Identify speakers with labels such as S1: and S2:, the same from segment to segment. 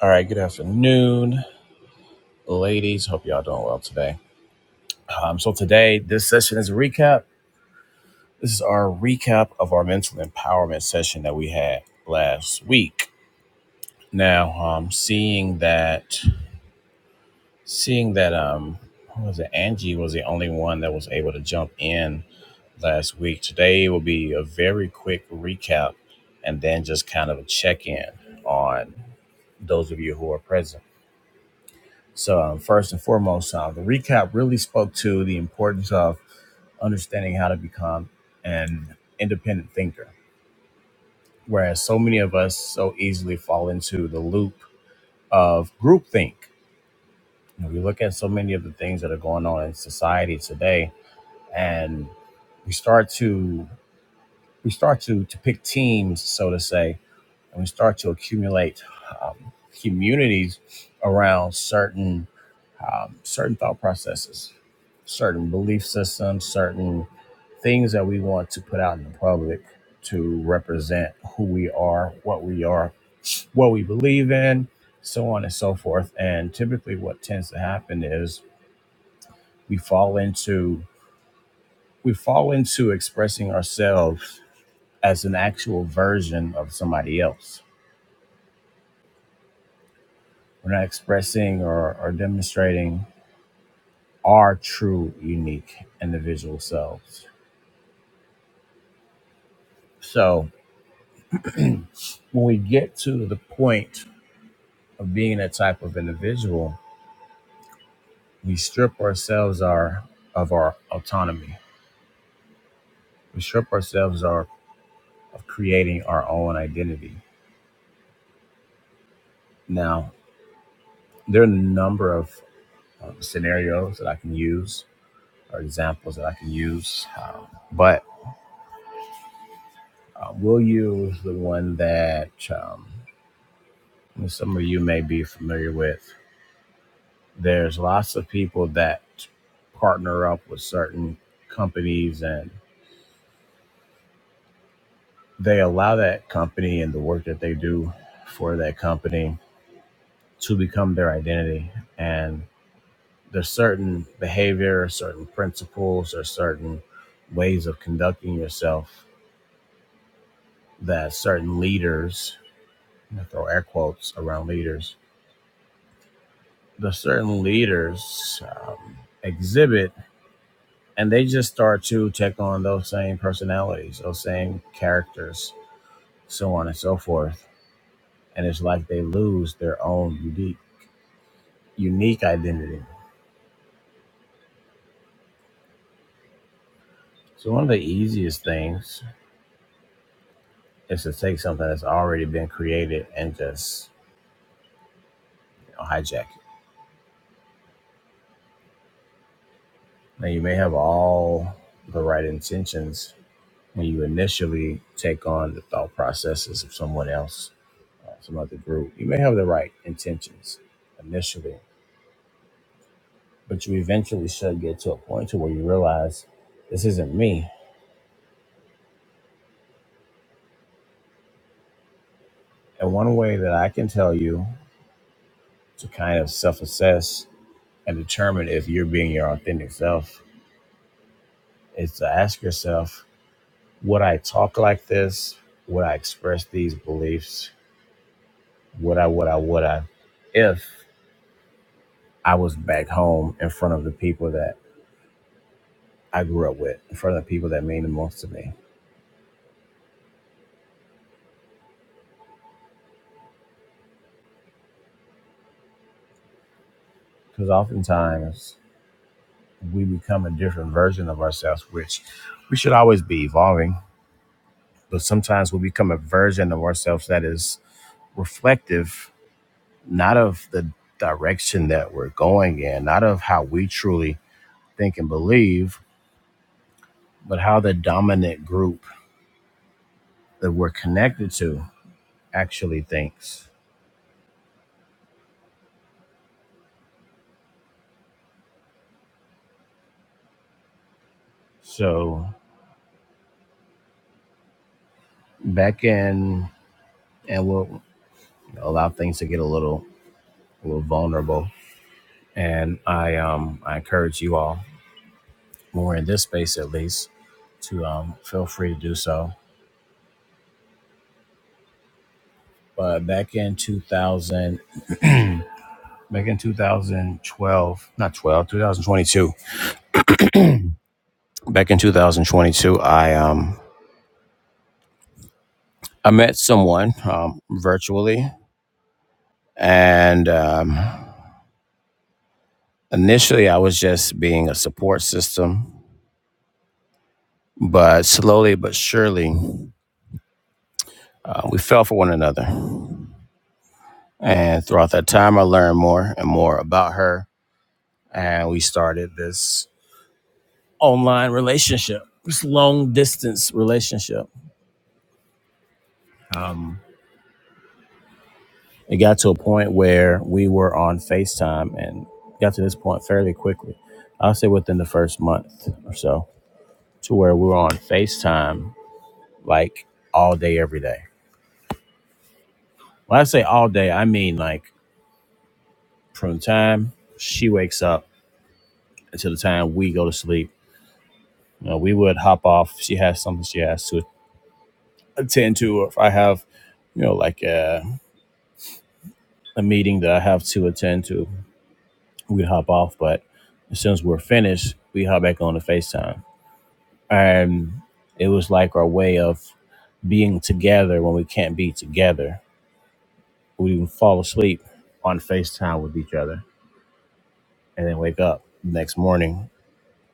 S1: All right, good afternoon, ladies. Hope y'all doing well today. Um, so today, this session is a recap. This is our recap of our mental empowerment session that we had last week. Now, um, seeing that, seeing that, um, what was it? Angie was the only one that was able to jump in last week. Today will be a very quick recap, and then just kind of a check in on those of you who are present. So, um, first and foremost, um, the recap really spoke to the importance of understanding how to become an independent thinker, whereas so many of us so easily fall into the loop of groupthink. You know, we look at so many of the things that are going on in society today, and we start to we start to to pick teams, so to say, and we start to accumulate um, communities around certain um, certain thought processes, certain belief systems, certain things that we want to put out in the public to represent who we are, what we are, what we believe in, so on and so forth. And typically, what tends to happen is we fall into we fall into expressing ourselves as an actual version of somebody else. We're not expressing or, or demonstrating our true, unique individual selves. So when we get to the point of being that type of individual, we strip ourselves our of our autonomy. We strip ourselves our of creating our own identity. Now, there are a number of um, scenarios that I can use or examples that I can use, um, but uh, we'll use the one that um, some of you may be familiar with. There's lots of people that partner up with certain companies and. they allow that company and the work that they do for that company to become their identity. And there's certain behavior, certain principles, or certain ways of conducting yourself that certain leaders, I throw air quotes around leaders, the certain leaders um, exhibit, and they just start to take on those same personalities, those same characters, so on and so forth. And it's like they lose their own unique unique identity. So one of the easiest things is to take something that's already been created and just you know, hijack it. Now you may have all the right intentions when you initially take on the thought processes of someone else, uh, some other group. You may have the right intentions initially, but you eventually should get to a point to where you realize this isn't me. And one way that I can tell you to kind of self-assess and determine if you're being your authentic self is to ask yourself would i talk like this would i express these beliefs would i would i would i if i was back home in front of the people that i grew up with in front of the people that mean the most to me because oftentimes we become a different version of ourselves which we should always be evolving but sometimes we become a version of ourselves that is reflective not of the direction that we're going in not of how we truly think and believe but how the dominant group that we're connected to actually thinks. So back in, and we'll allow things to get a little, a little vulnerable. And I, um, I encourage you all, when we're in this space at least, to um, feel free to do so. But back in 2000, back in 2012, not 12, 2022. Back in 2022, I um, I met someone um, virtually, and um, Initially, I was just being a support system, but slowly but surely, uh, we fell for one another. And throughout that time, I learned more and more about her. And we started this online relationship, this long distance relationship. Um, it got to a point where we were on FaceTime and got to this point fairly quickly. I'll say within the first month or so, to where we were on FaceTime like all day, every day. When I say all day, I mean like from the time she wakes up until the time we go to sleep. You know, we would hop off. She has something she has to attend to, or if I have, you know, like a, a meeting that I have to attend to, we'd hop off. But as soon as we're finished, we hop back on to FaceTime. And it was like our way of being together when we can't be together. We would fall asleep on FaceTime with each other and then wake up the next morning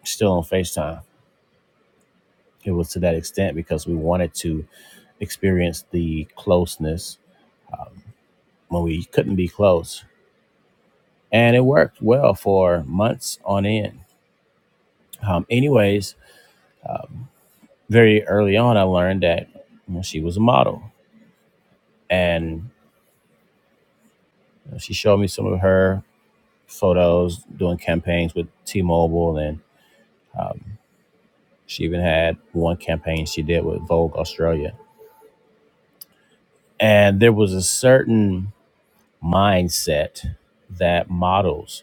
S1: still on FaceTime it was to that extent because we wanted to experience the closeness um, when we couldn't be close. And it worked well for months on end. Um, anyways, um, very early on, I learned that you know, she was a model. And you know, she showed me some of her photos doing campaigns with T Mobile. And um, she even had one campaign she did with Vogue Australia. And there was a certain mindset that models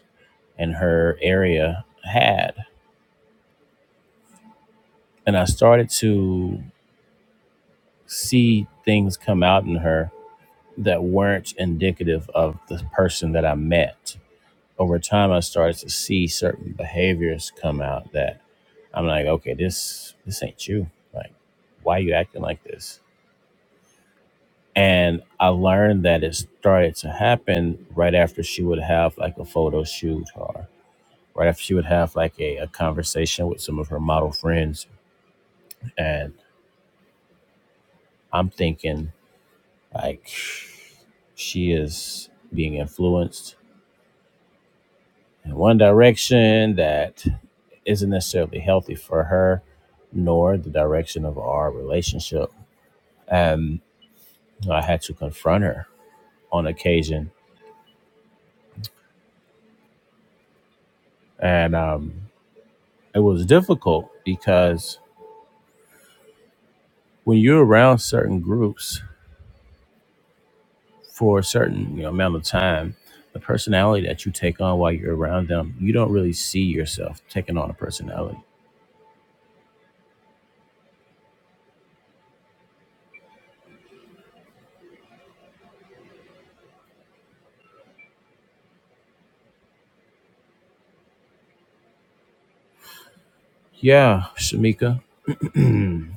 S1: in her area had. And I started to see things come out in her that weren't indicative of the person that I met. Over time, I started to see certain behaviors come out that I'm like, okay, this this ain't you. Like, why are you acting like this? And I learned that it started to happen right after she would have like a photo shoot or right after she would have like a, a conversation with some of her model friends. and. I'm thinking like she is being influenced in one direction that isn't necessarily healthy for her, nor the direction of our relationship. And I had to confront her on occasion. And um, it was difficult because when you're around certain groups for a certain you know, amount of time, the personality that you take on while you're around them, you don't really see yourself taking on a personality Yeah, Shamika. like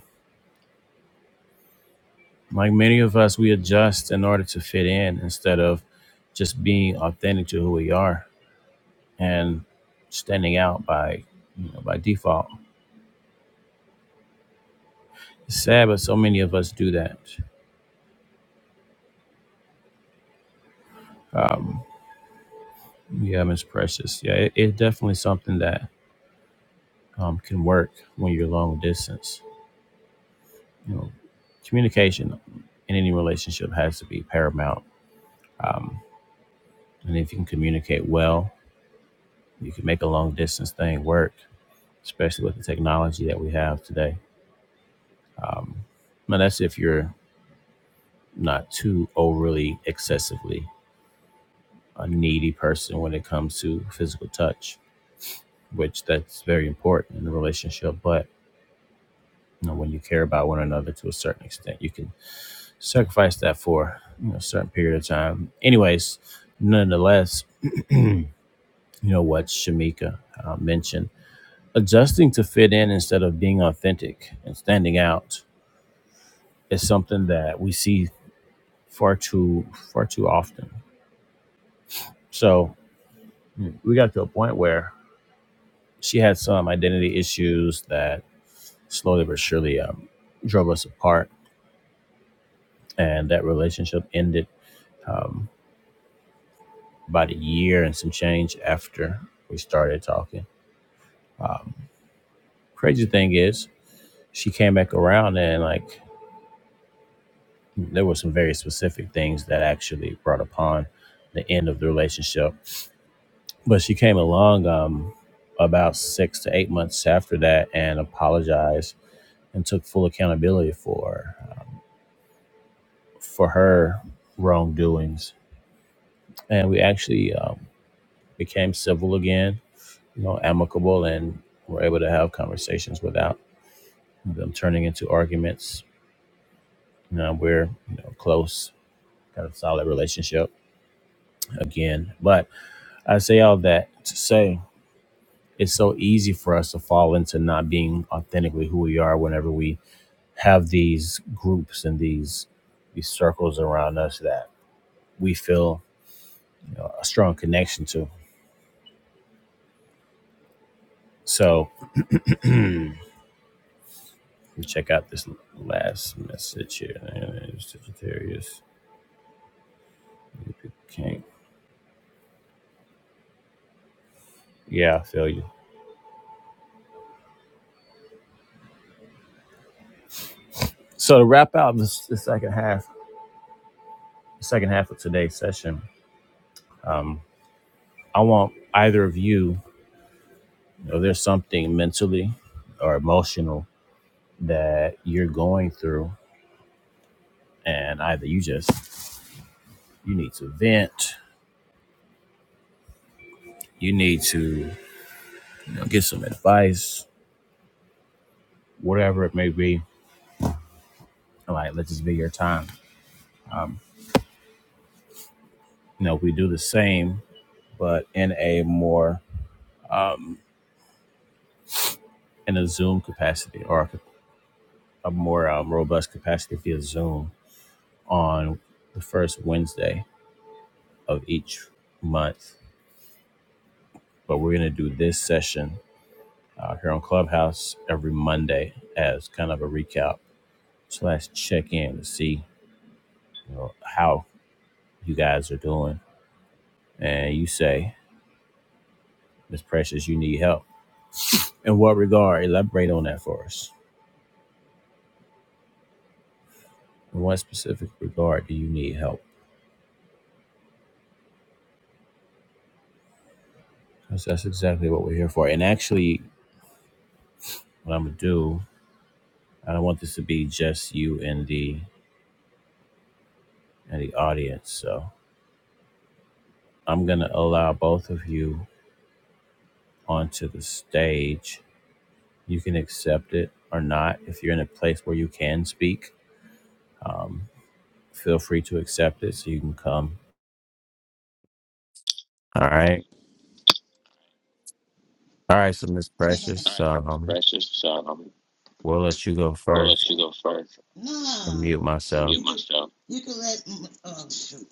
S1: many of us, we adjust in order to fit in instead of just being authentic to who we are and standing out by you know by default. It's sad, but so many of us do that. Um, yeah, Miss Precious. Yeah, it, it's definitely something that um, can work when you're long distance. You know, communication in any relationship has to be paramount. Um, and if you can communicate well, you can make a long distance thing work. especially with the technology that we have today. Um, and that's if you're not too overly excessively a needy person when it comes to physical touch, which that's very important in a relationship. But you know, when you care about one another to a certain extent, you can sacrifice that for you know, a certain period of time. Anyways, nonetheless, you know what Shamika uh, mentioned, adjusting to fit in instead of being authentic and standing out is something that we see far too far too often. So we got to a point where she had some identity issues that slowly but surely um, drove us apart, and that relationship ended um, about a year and some change after we started talking. Um, crazy thing is, she came back around and like there were some very specific things that actually brought upon the end of the relationship but she came along um, about six to eight months after that and apologized and took full accountability for um, for her wrongdoings. And we actually um, became civil again, you know, amicable, and were able to have conversations without them turning into arguments. You know, we're you know close, got a solid relationship again. But I say all that to say it's so easy for us to fall into not being authentically who we are whenever we have these groups and these these circles around us that we feel you know, a strong connection to. So let me check out this last message here. Sagittarius, can't. Yeah, I feel you. So to wrap out this, the second half, the second half of today's session, I want either of you, you know, there's something mentally or emotional that you're going through, and either you just you need to vent, you need to you know, get some advice, whatever it may be. I'm like, let this be your time. Um, you know, we do the same, but in a more um, in a Zoom capacity or a, a more um, robust capacity via Zoom on the first Wednesday of each month. But we're going to do this session uh, here on Clubhouse every Monday as kind of a recap slash check in to see you know, how you guys are doing. And you say, Miss Precious, you need help In what regard? Elaborate on that for us. In what specific regard do you need help? Because that's exactly what we're here for. And actually, what I'm gonna do, I don't want this to be just you and the and the audience. So I'm gonna allow both of you onto the stage. You can accept it or not. If you're in a place where you can speak, um, feel free to accept it so you can come. All right. All right. So Miss Precious,
S2: Sorry
S1: um,
S2: i nah,
S1: we'll let you go first. and Mute myself.
S2: you can let. mm, Oh shoot.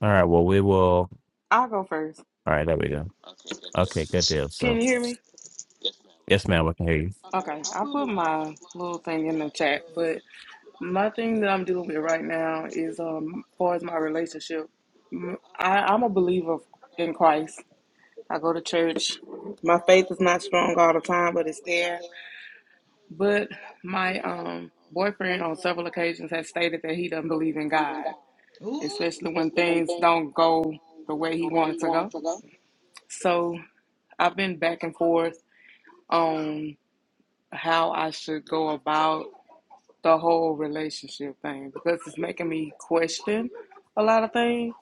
S1: All right. Well, we will. All
S3: I'll go first.
S1: right. There we go. Okay. Good deal.
S3: Can
S1: So,
S3: you hear me?
S1: yes, ma'am. I can hear you.
S3: Okay, I put my little thing in the chat, but my thing that I'm dealing with right now is, um, as far as my relationship, m- I, am a believer in Christ. I go to church. My faith is not strong all the time, but it's there. But my um boyfriend on several occasions has stated that he doesn't believe in God,
S2: Ooh.
S3: especially when things don't go the way he wanted to go. So I've been back and forth on. how I should go about the whole relationship thing because it's making me question a lot of things.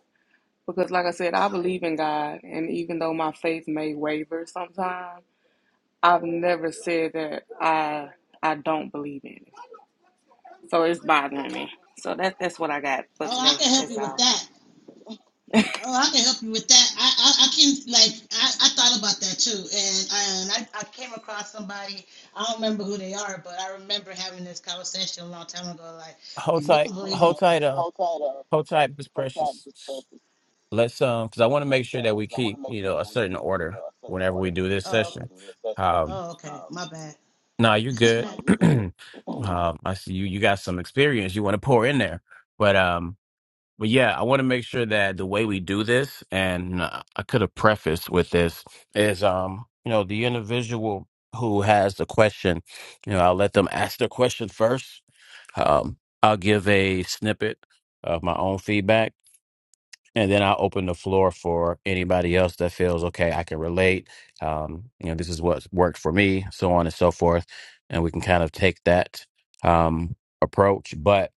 S3: Because, like I said, I believe in God, and even though my faith may waver sometimes, I've never said that I I don't believe in it. So it's bothering me. So that that's what I got for
S2: Oh, I
S3: today.
S2: can help
S3: That's
S2: you with
S3: all.
S2: that. Oh, I can help you with that. I I, I can like I, I thought about that too, and and I, I came across somebody. I don't remember who they are, but I remember having this conversation a long time ago. Like, if
S1: Hold
S2: you don't
S1: tight.
S2: believe in,
S1: Hold tight. Uh, hold tight, Miss Precious. Let's um, because I want to make sure that we keep you know a certain order whenever we do this
S2: oh
S1: session. Um,
S2: oh okay, my bad.
S1: nah, you're good. um, I see you. You got some experience you want to pour in there, but um, But yeah, I want to make sure that the way we do this, and uh, I could have prefaced with this, is um, you know, the individual who has the question, you know, I'll let them ask their question first. Um, I'll give a snippet of my own feedback, and then I'll open the floor for anybody else that feels okay, I can relate. Um, you know, this is what's worked for me, so on and so forth. And we can kind of take that um, approach. But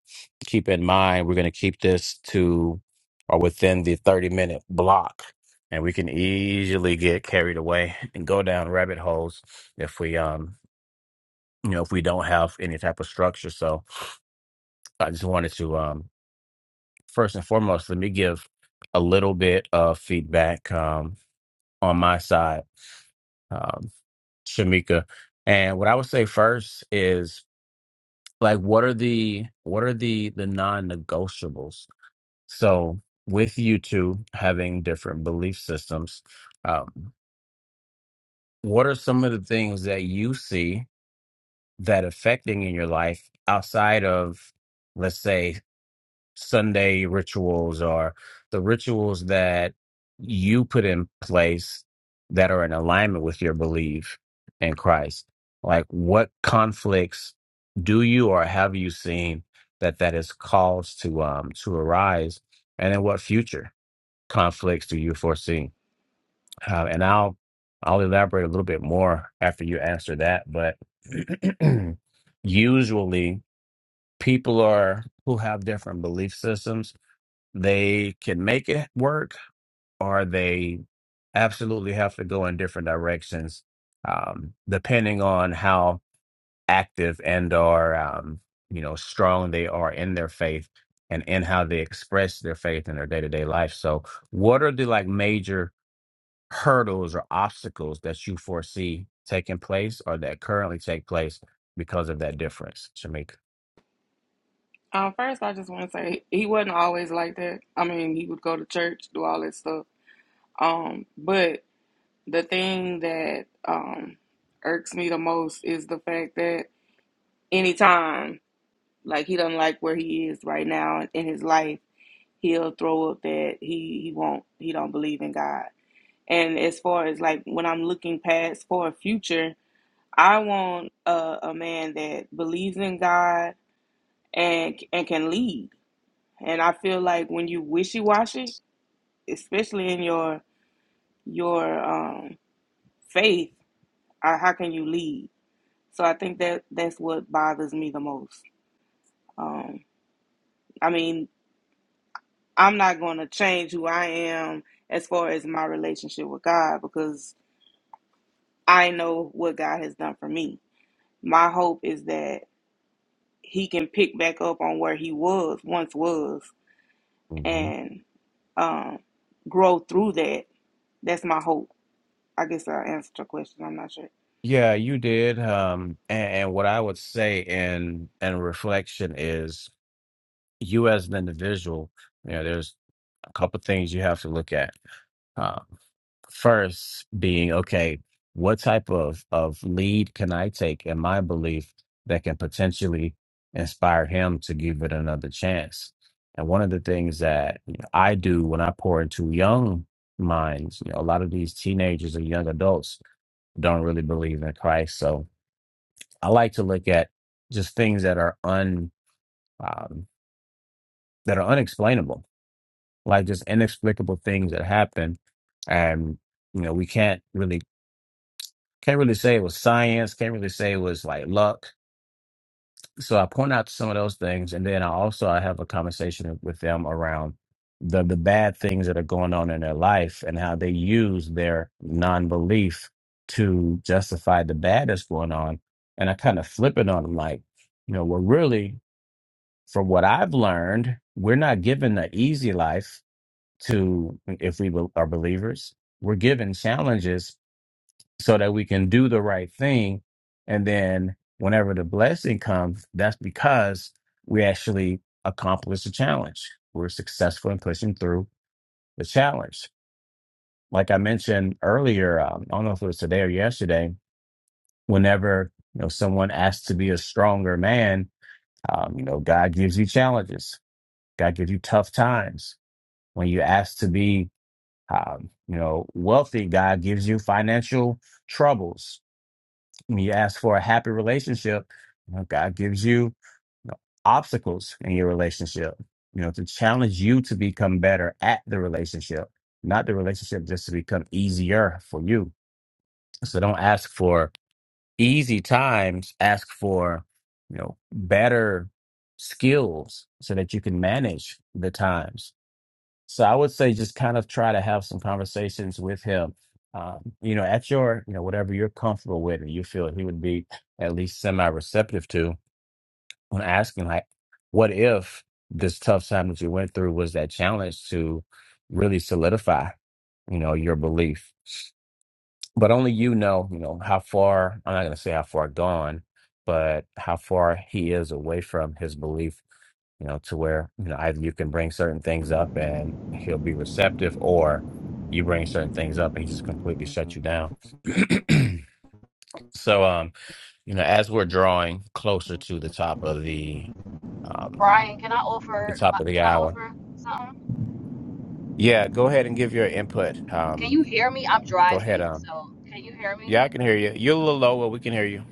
S1: keep in mind, we're going to keep this to or within the 30 minute block. And we can easily get carried away and go down rabbit holes if we, um, you know, if we don't have any type of structure. So I just wanted to, um, first and foremost, let me give a little bit of feedback um, on my side, um, Shamika. And what I would say first is like, what are the what are the the non-negotiables? So with you two having different belief systems, um, what are some of the things that you see that affecting in your life outside of, let's say, Sunday rituals or the rituals that you put in place that are in alignment with your belief in Christ. Like what conflicts do you or have you seen that that is caused to um to arise and in what future conflicts do you foresee? Uh, and I'll I'll elaborate a little bit more after you answer that, but usually people are who have different belief systems they can make it work, or they absolutely have to go in different directions, um, depending on how active and or um, you know strong they are in their faith and in how they express their faith in their day to day life. So, what are the like major hurdles or obstacles that you foresee taking place or that currently take place because of that difference, Shamika?
S3: Um, first, I just want to say he wasn't always like that. I mean, he would go to church, do all that stuff. Um, but the thing that um irks me the most is the fact that anytime like he doesn't like where he is right now in his life he'll throw up that he he won't he don't believe in god and as far as like when i'm looking past for a future i want a, a man that believes in god and and can lead and i feel like when you wishy-washy especially in your your um faith uh, how can you lead So I think that that's what bothers me the most. Um, I mean, I'm not going to change who I am as far as my relationship with God because I know what God has done for me. My hope is that He can pick back up on where He was once was
S1: hmm
S3: and um, grow through that. That's my hope. I guess I answered your question. I'm not sure.
S1: Yeah, you did. Um, and, and what I would say in in reflection is you as an individual, you know, there's a couple things you have to look at. Um, first being okay what type of of lead can i take in my belief that can potentially inspire him to give it another chance and one of the things that you know, i do when i pour into young minds you know a lot of these teenagers or young adults don't really believe in christ so i like to look at just things that are un um, that are unexplainable like just inexplicable things that happen and you know we can't really Can't really say it was science. Can't really say it was like luck. So I point out some of those things, and then I also I have a conversation with them around the the bad things that are going on in their life and how they use their non belief to justify the bad that's going on. And I kind of flip it on them, like you know, we're really from what I've learned, we're not given the easy life to if we be- are believers. We're given challenges so that we can do the right thing. And then whenever the blessing comes, that's because we actually accomplish the challenge. We're successful in pushing through the challenge. Like I mentioned earlier, um, I don't know if it was today or yesterday, whenever you know someone asks to be a stronger man, um, you know, God gives you challenges. God gives you tough times. When you ask to be um, you know, wealthy, God gives you financial troubles When you ask for a happy relationship, you know, God gives you you know, obstacles in your relationship, you know, to challenge you to become better at the relationship, not the relationship just to become easier for you. So don't ask for easy times, ask for, you know, better skills so that you can manage the times so I would say just kind of try to have some conversations with him. Um, you know, at your, you know, whatever you're comfortable with and you feel he would be at least semi receptive to when asking like, what if this tough time that you went through was that challenge to really solidify, you know, your belief. But only you know, you know, how far I'm not gonna say how far gone, but how far he is away from his belief you know, to where, you know, either you can bring certain things up and he'll be receptive, or you bring certain things up and he just completely shuts you down. so, um, you know, as we're drawing closer to the top of the, um,
S4: Brian, can I
S1: the
S4: offer? My,
S1: top of the
S4: can I
S1: hour,
S4: offer something?
S1: yeah, go ahead and give your input.
S4: Can
S1: Um,
S4: you hear me? I'm
S1: go ahead.
S4: driving,
S1: Um,
S4: so can you hear
S1: yeah,
S4: me?
S1: I can hear you. You're a little low, but we can hear you.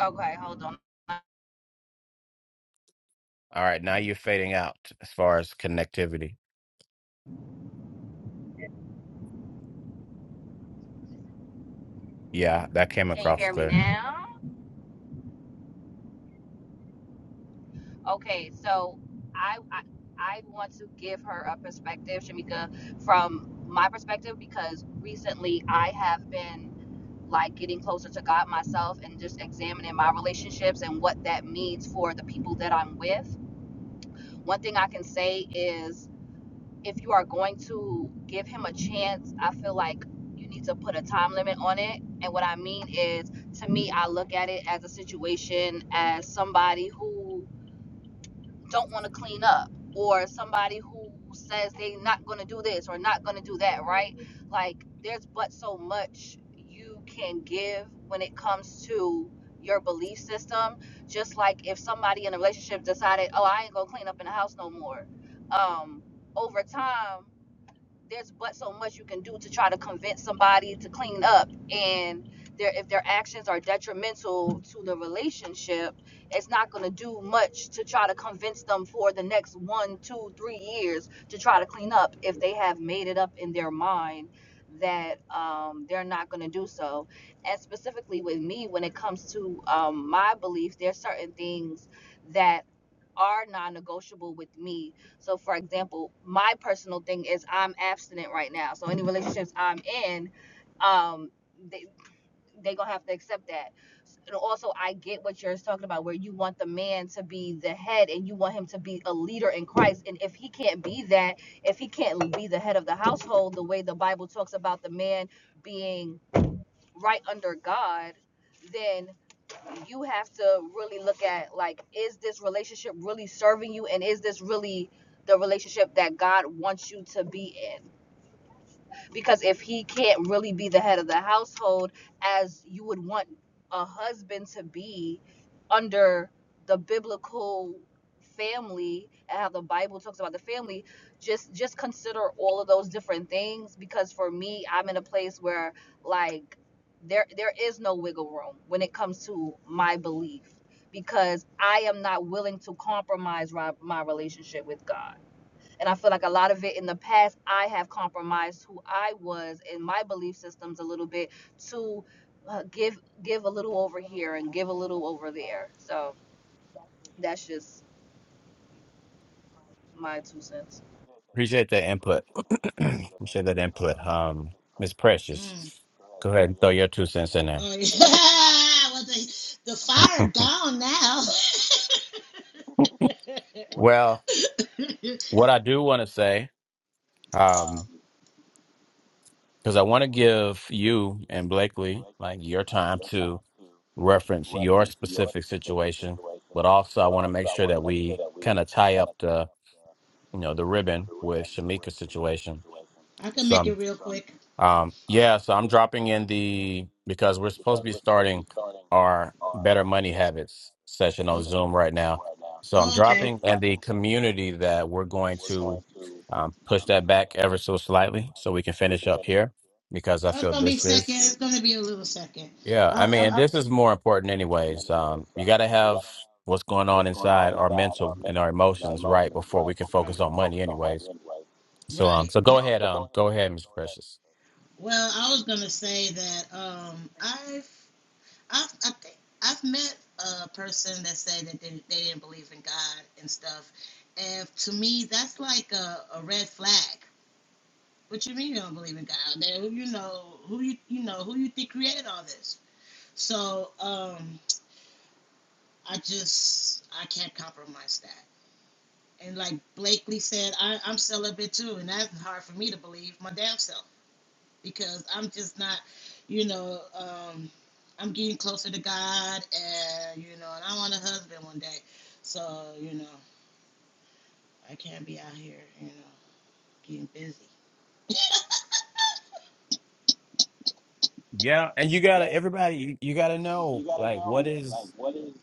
S4: Okay, hold on.
S1: All right, now you're fading out as far as connectivity. Yeah, that came
S4: Can you
S1: across
S4: hear me
S1: clear.
S4: now? Okay, so I I, I want to give her a perspective, Shamika, from my perspective because recently I have been like getting closer to God myself and just examining my relationships and what that means for the people that I'm with. One thing I can say is. if you are going to give him a chance, I feel like you need to put a time limit on it. And what I mean is, to me, I look at it as a situation as somebody who don't want to clean up or somebody who says they not going to do this or not going to do that, right? Like there's but so much you can give when it comes to your belief system. Just like if somebody in a relationship decided, "Oh, I ain't going to clean up in the house no more." Um over time there's but so much you can do to try to convince somebody to clean up and their if their actions are detrimental to the relationship it's not going to do much to try to convince them for the next one two three years to try to clean up if they have made it up in their mind that um, they're not going to do so and specifically with me when it comes to um, my belief there's certain things that are non-negotiable with me so, for example, my personal thing is I'm abstinent right now. So, any relationships I'm in, um, they they gonna have to accept that. And also, I get what you're talking about, where you want the man to be the head and you want him to be a leader in Christ. And if he can't be that, if he can't be the head of the household, the way the Bible talks about the man being right under God, then you have to really look at like is this relationship really serving you and is this really the relationship that God wants you to be in? Because if he can't really be the head of the household as you would want a husband to be under the biblical family and how the Bible talks about the family, just just consider all of those different things because for me, I'm in a place where like there there is no wiggle room when it comes to my belief because I am not willing to compromise ri- my relationship with God. And I feel like a lot of it in the past, I have compromised who I was and my belief systems a little bit to uh, give give a little over here and give a little over there. So that's just my two cents.
S1: Appreciate that input. Appreciate that input. Um, Miss Precious,
S2: Hmm.
S1: go ahead and throw your two cents in
S2: Oh
S1: there.
S2: yeah, well, the the fire gone now.
S1: well, what I do want to say, um, because I want to give you and Blakely like your time to reference your specific situation, but also I want to make sure that we kind of tie up the you know the ribbon with Shamika's situation.
S2: I can
S1: So.
S2: make it
S1: I'm
S2: real quick.
S1: Um, yeah, so I'm dropping in the because we're supposed to be starting our Better Money Habits session on
S2: Oh,
S1: Zoom right now. So I'm
S2: oh, okay.
S1: dropping in the community that we're going to um, push that back ever so slightly so we can finish up here because I
S2: Oh, it's
S1: feel
S2: gonna be
S1: this
S2: second.
S1: is,
S2: It's gonna be a little second.
S1: yeah,
S2: Uh,
S1: I
S2: uh,
S1: mean,
S2: uh, right.
S1: this is more important anyways. Um, you got to have what's going on
S2: Before
S1: inside our mental and our emotions right before we can
S2: right.
S1: focus
S2: we can
S1: on
S2: focus
S1: money
S2: on money,
S1: anyways.
S2: anyway.
S1: So, um,
S2: Right.
S1: so go ahead, um, go ahead, Ms. Precious.
S2: Well, I was gonna say that um, I've I've, I think I've met a person that said that they, they didn't believe in God and stuff. And to me, that's like a, a red flag. What you mean you don't believe in God? Then who you know who you you know who you think created all this? So um, I just I can't compromise that. And like Blakely said, I, I'm celibate too, and that's hard for me to believe my damn self. because I'm just not, you know, um, I'm getting closer to God, and you know, and I want a husband one day, so you know, I can't be out here, you know, getting busy.
S1: Yeah, and you gotta everybody you, you gotta know like what is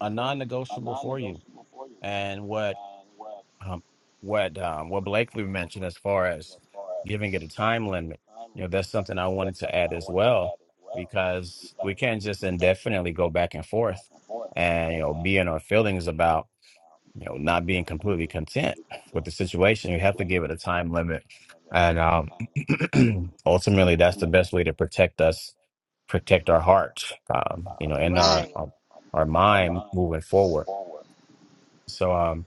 S1: a non-negotiable for you, and what um what um what Blakely mentioned as far as giving it a time limit. You know, that's something I wanted to add as well because we can't just indefinitely go back and forth and you know be in our feelings about you know, not being completely content with the situation. You have to give it a time limit. And um, ultimately, that's the best way to protect us, protect our heart, um, you know, and our,
S2: Right.
S1: our our mind moving forward. So, um,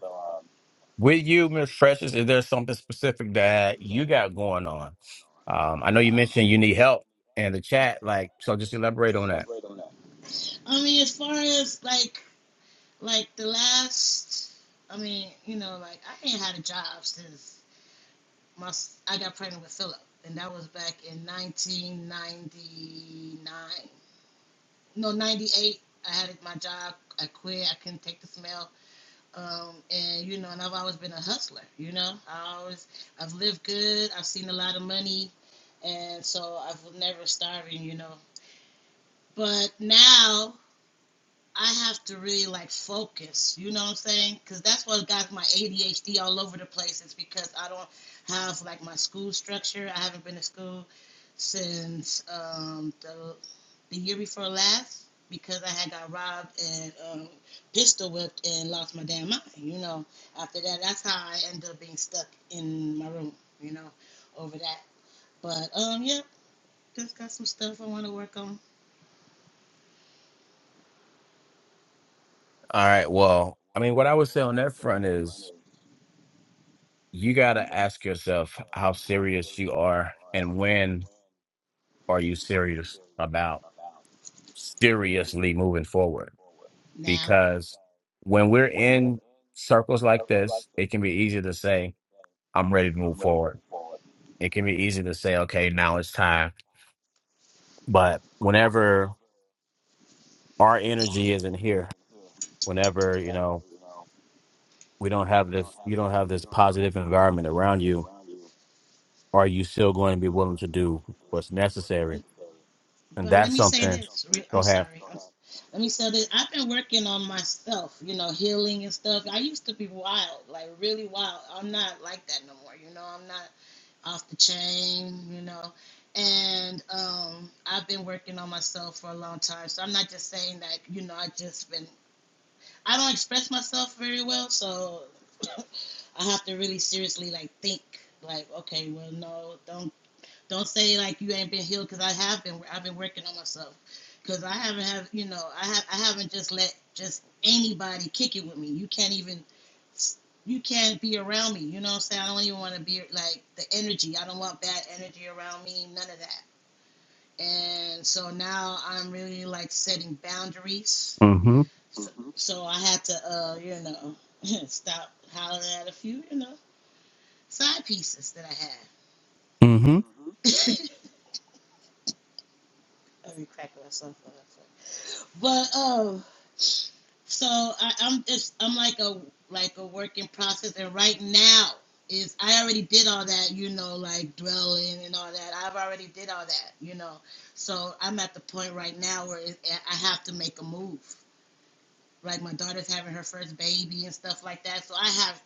S1: with you, Miss Precious, is there something specific that you got going on? Um, I know you mentioned you need help in the chat, like, so just elaborate on that.
S2: I mean, as far as like, like the last, I mean, you know, like I ain't had a job since my I got pregnant with Phillip, and that was back in 1999. No, 98. I had my job. I quit. I couldn't take the smell. Um, and you know, and I've always been a hustler. You know, I always I've lived good. I've seen a lot of money, and so I've never starving. You know, but now I have to really like focus. You know what I'm saying? Because that's what got my ADHD all over the place. Is because I don't have like my school structure. I haven't been to school since um, the the year before last because I had got robbed and um, pistol whipped and lost my damn mind. You know, after that, that's how I ended up being stuck in my room. You know, over that. But um, yeah, just got some stuff I want to work on
S1: All right. Well, I mean, what I would say on that front is you got to ask yourself how serious you are and when are you serious about seriously moving forward
S2: now.
S1: because when we're in circles like this it can be easy to say i'm ready to move forward it can be easy to say okay now it's time but whenever our energy isn't here whenever you know we don't have this you don't have this positive environment around you are you still going to be willing to do what's necessary and
S2: But let
S1: that's
S2: me say
S1: something
S2: this.
S1: Go
S2: I'm
S1: ahead.
S2: sorry. I'm, let me say this. I've been working on myself, you know, healing and stuff. I used to be wild, like really wild. I'm not like that no more. You know, I'm not off the chain, you know. And um, I've been working on myself for a long time. So I'm not just saying that, you know, I just been, I don't express myself very well. So I have to really seriously, like, think, like, okay, well, no, don't don't say like you ain't been healed because I have been. I've been working on myself because I haven't have you know I have I haven't just let just anybody kick it with me. You can't even you can't be around me. You know what I'm saying? I don't even want to be like the energy. I don't want bad energy around me. None of that. And so now I'm really like setting boundaries.
S1: Mm-hmm.
S2: Mm-hmm. So, Mhm. so I had to uh you know stop hollering at a few you know side pieces that I had.
S1: Mm-hmm.
S2: Let me crack myself up. But um, so I, I'm it's I'm like a like a work in process, and right now is I already did all that, you know, like dwelling and all that. I've already did all that, you know. So I'm at the point right now where it, I have to make a move like my daughter's having her first baby and stuff like that. So I have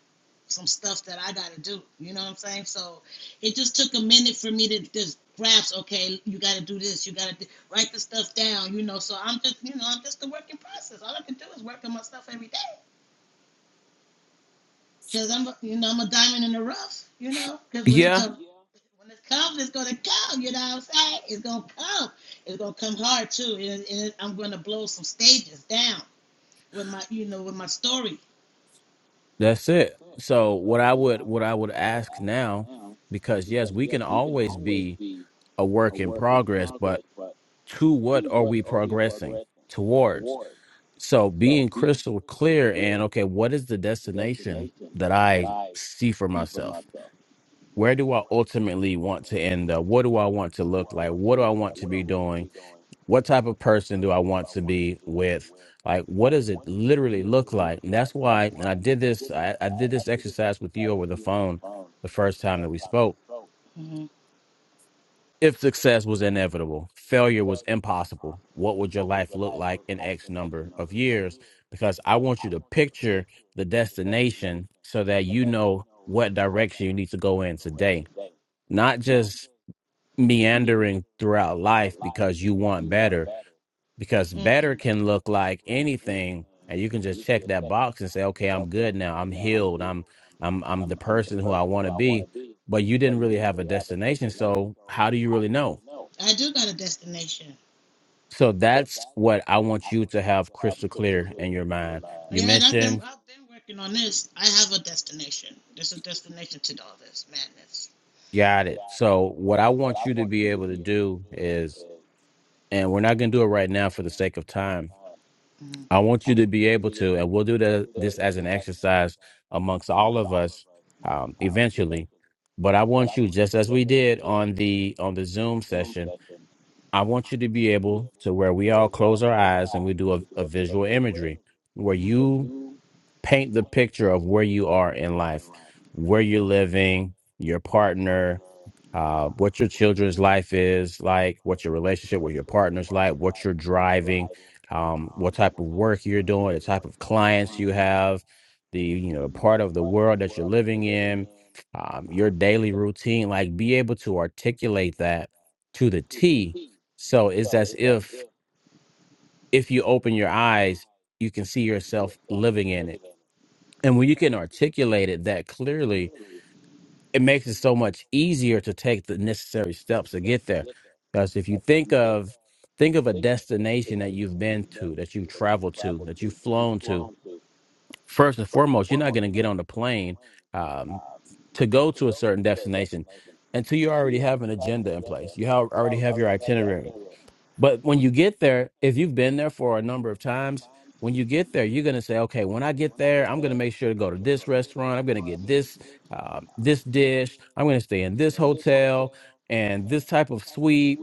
S2: some stuff that I got to do. You know what I'm saying? So it just took a minute for me to just grasp. Okay, you got to do this. You got to do, write the stuff down. You know. So I'm just, you know, I'm just a working process. All I can do is work on my stuff every day because I'm, you know, I'm a diamond in the rough. You know, because when it
S1: Yeah,
S2: comes. When it comes, it's gonna come. You know what I'm saying? It's gonna come. It's gonna come hard too, and, and I'm gonna blow some stages down with my, you know, with my story.
S1: that's it. So what I would what I would ask now, because yes, we can always be a work in progress, but to what are we progressing towards? So being crystal clear and okay, what is the destination that I see for myself? Where do I ultimately want to end up? What do I want to look like? What do I want to be doing? what type of person do I want to be with? Like, what does it literally look like? And that's why, and I did this, I, I did this exercise with you over the phone the first time that we spoke.
S2: Mm-hmm.
S1: If success was inevitable, failure was impossible, what would your life look like in X number of years? Because I want you to picture the destination so that you know what direction you need to go in today, not just meandering throughout life because you want better because better
S2: Mm-mm.
S1: can look like anything and you can just check that box and say okay i'm good now i'm healed i'm i'm i'm the person who i want to be but you didn't really have a destination so how do you really know
S2: I do got a destination.
S1: so that's what i want you to have crystal clear in your mind you
S2: Yeah, and I've been
S1: mentioned
S2: I've been working on this. I have a destination. There's a destination to all this madness.
S1: got it so what i want you to be able to do is and we're not going to do it right now for the sake of time
S2: Mm-hmm.
S1: I want you to be able to, and we'll do the, this as an exercise amongst all of us um, eventually. But I want you, just as we did on the on the Zoom session, I want you to be able to where we all close our eyes and we do a, a visual imagery where you
S2: Mm-hmm.
S1: paint the picture of where you are in life, where you're living, your partner, uh, what your children's life is like, what your relationship with your partner's like, what you're driving, um, what type of work you're doing, the type of clients you have, the you know part of the world that you're living in, um, your daily routine. Like, be able to articulate that to the T. So it's as if if you open your eyes, you can see yourself living in it. And when you can articulate it that clearly, it makes it so much easier to take the necessary steps to get there. Because if you think of think of a destination that you've been to, that you've traveled to, that you've flown to, first and foremost, you're not going to get on the plane um, to go to a certain destination until you already have an agenda in place. You have, already have your itinerary but when you get there, if you've been there for a number of times, when you get there, you're gonna say, okay, when I get there, I'm gonna make sure to go to this restaurant. I'm gonna get this uh, this dish. I'm gonna stay in this hotel and this type of suite.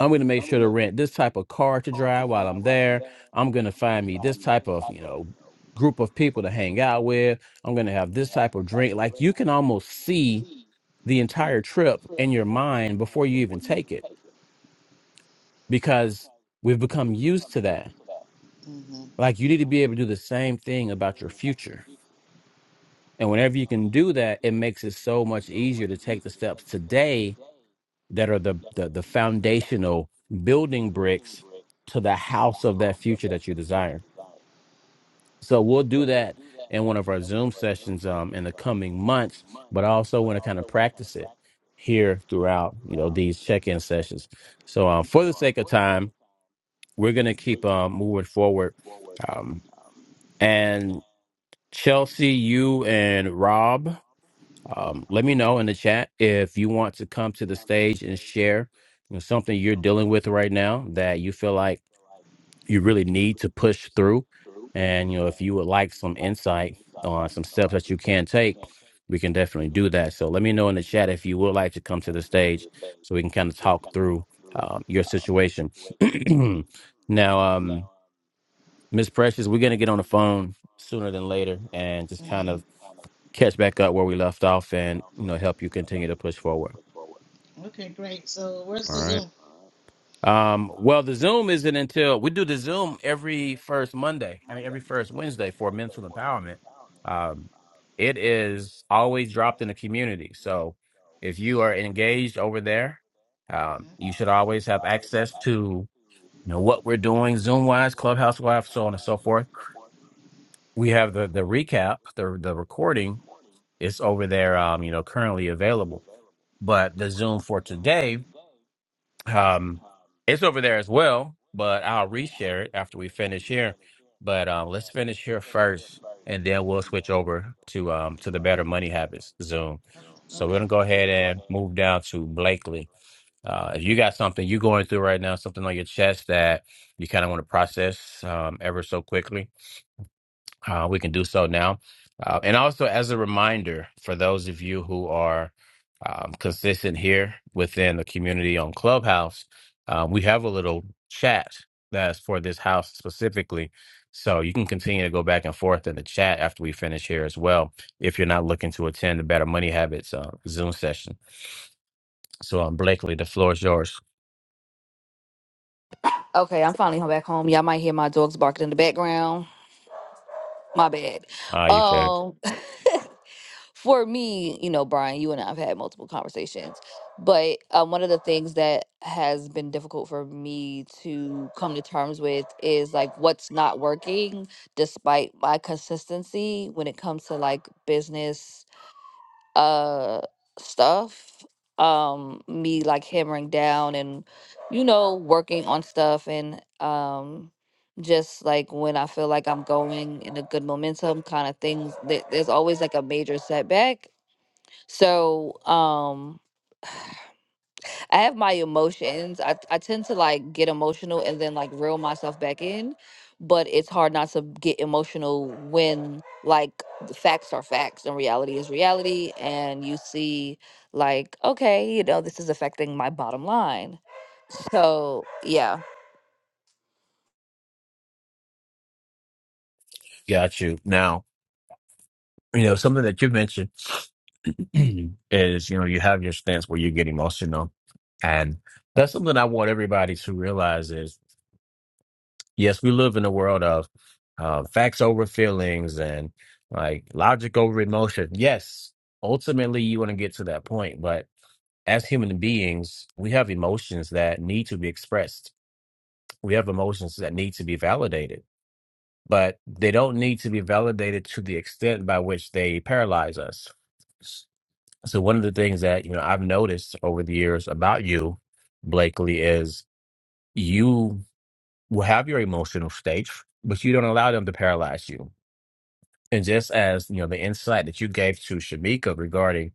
S1: I'm gonna make sure to rent this type of car to drive while I'm there. I'm gonna find me this type of you know group of people to hang out with. I'm gonna have this type of drink. Like you can almost see the entire trip in your mind before you even take it because we've become used to that. Like you need to be able to do the same thing about your future. And whenever you can do that, it makes it so much easier to take the steps today that are the the, the foundational building bricks to the house of that future that you desire. So we'll do that in one of our Zoom sessions um in the coming months, but I also want to kind of practice it here throughout, you know, these check-in sessions. So um for the sake of time, we're gonna keep um moving forward. Um, And Chelsea, you and Rob, um, let me know in the chat if you want to come to the stage and share you know, something you're dealing with right now that you feel like you really need to push through. And you know, if you would like some insight on some steps that you can take, we can definitely do that. So let me know in the chat if you would like to come to the stage so we can kind of talk through um, your situation. now, um. Miss Precious, we're gonna get on the phone sooner than later and just kind
S2: Mm-hmm.
S1: of catch back up where we left off and you know help you continue to push forward.
S2: Okay, great. So where's
S1: All
S2: the
S1: right.
S2: Zoom?
S1: Um, well the Zoom isn't until we do the Zoom every first Monday. I mean every first Wednesday for mental empowerment. Um it is always dropped in the community. So if you are engaged over there, um, you should always have access to you know what we're doing, Zoom wise, Clubhouse wise, so on and so forth we have the the recap, the the recording. It's over there, um, you know, currently available. But the Zoom for today, um, it's over there as well. But I'll reshare it after we finish here. But um, let's finish here first, and then we'll switch over to um to the Better Money Habits Zoom.
S2: hmm
S1: So we're
S2: Okay.
S1: gonna go ahead and move down to Blakely. Uh, if you got something you're going through right now, something on your chest that you kind of want to process um, ever so quickly, uh, we can do so now. Uh, and also, as a reminder for those of you who are um, consistent here within the community on Clubhouse, uh, we have a little chat that's for this house specifically. So you can continue to go back and forth in the chat after we finish here as well, if you're not looking to attend the Better Money Habits uh, Zoom session. So, um, Blakely, the floor is yours.
S4: Okay, I'm finally home back home. Y'all might hear my dogs barking in the background. My bad.
S1: Uh, you can
S4: Um for me, you know, Brian, you and I have had multiple conversations, but um, one of the things that has been difficult for me to come to terms with is like what's not working, despite my consistency when it comes to like business uh stuff. Um, me like hammering down and you know working on stuff and um just like when I feel like I'm going in a good momentum kind of things, there- there's always like a major setback so, um, I have my emotions. I, I tend to like get emotional and then like reel myself back in, but it's hard not to get emotional when like the facts are facts and reality is reality. And you see, like, okay, you know, this is affecting my bottom line. So, yeah.
S1: got you now. You know something that you mentioned. is you know you have your stance where you get emotional and that's something i want everybody to realize is yes we live in a world of uh, facts over feelings and like logic over emotion yes ultimately you want to get to that point but as human beings we have emotions that need to be expressed we have emotions that need to be validated but they don't need to be validated to the extent by which they paralyze us So one of the things that, you know, I've noticed over the years about you, Blakely, is you will have your emotional states, but you don't allow them to paralyze you. And just as, you know, the insight that you gave to Shamika regarding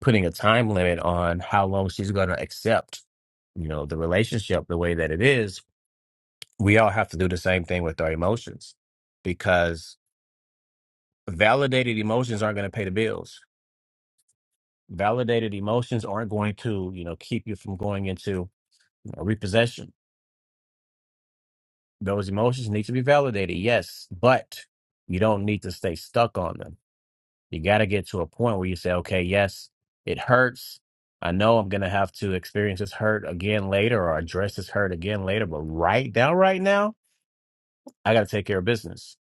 S1: putting a time limit on how long she's going to accept, you know, the relationship the way that it is, we all have to do the same thing with our emotions because validated emotions aren't going to pay the bills. Validated emotions aren't going to, you know, keep you from going into or repossession. Those emotions need to be validated, yes, but you don't need to stay stuck on them. You got to get to a point where you say, okay, yes, it hurts. I know I'm going to have to experience this hurt again later or address this hurt again later, but right now, right now, I got to take care of business.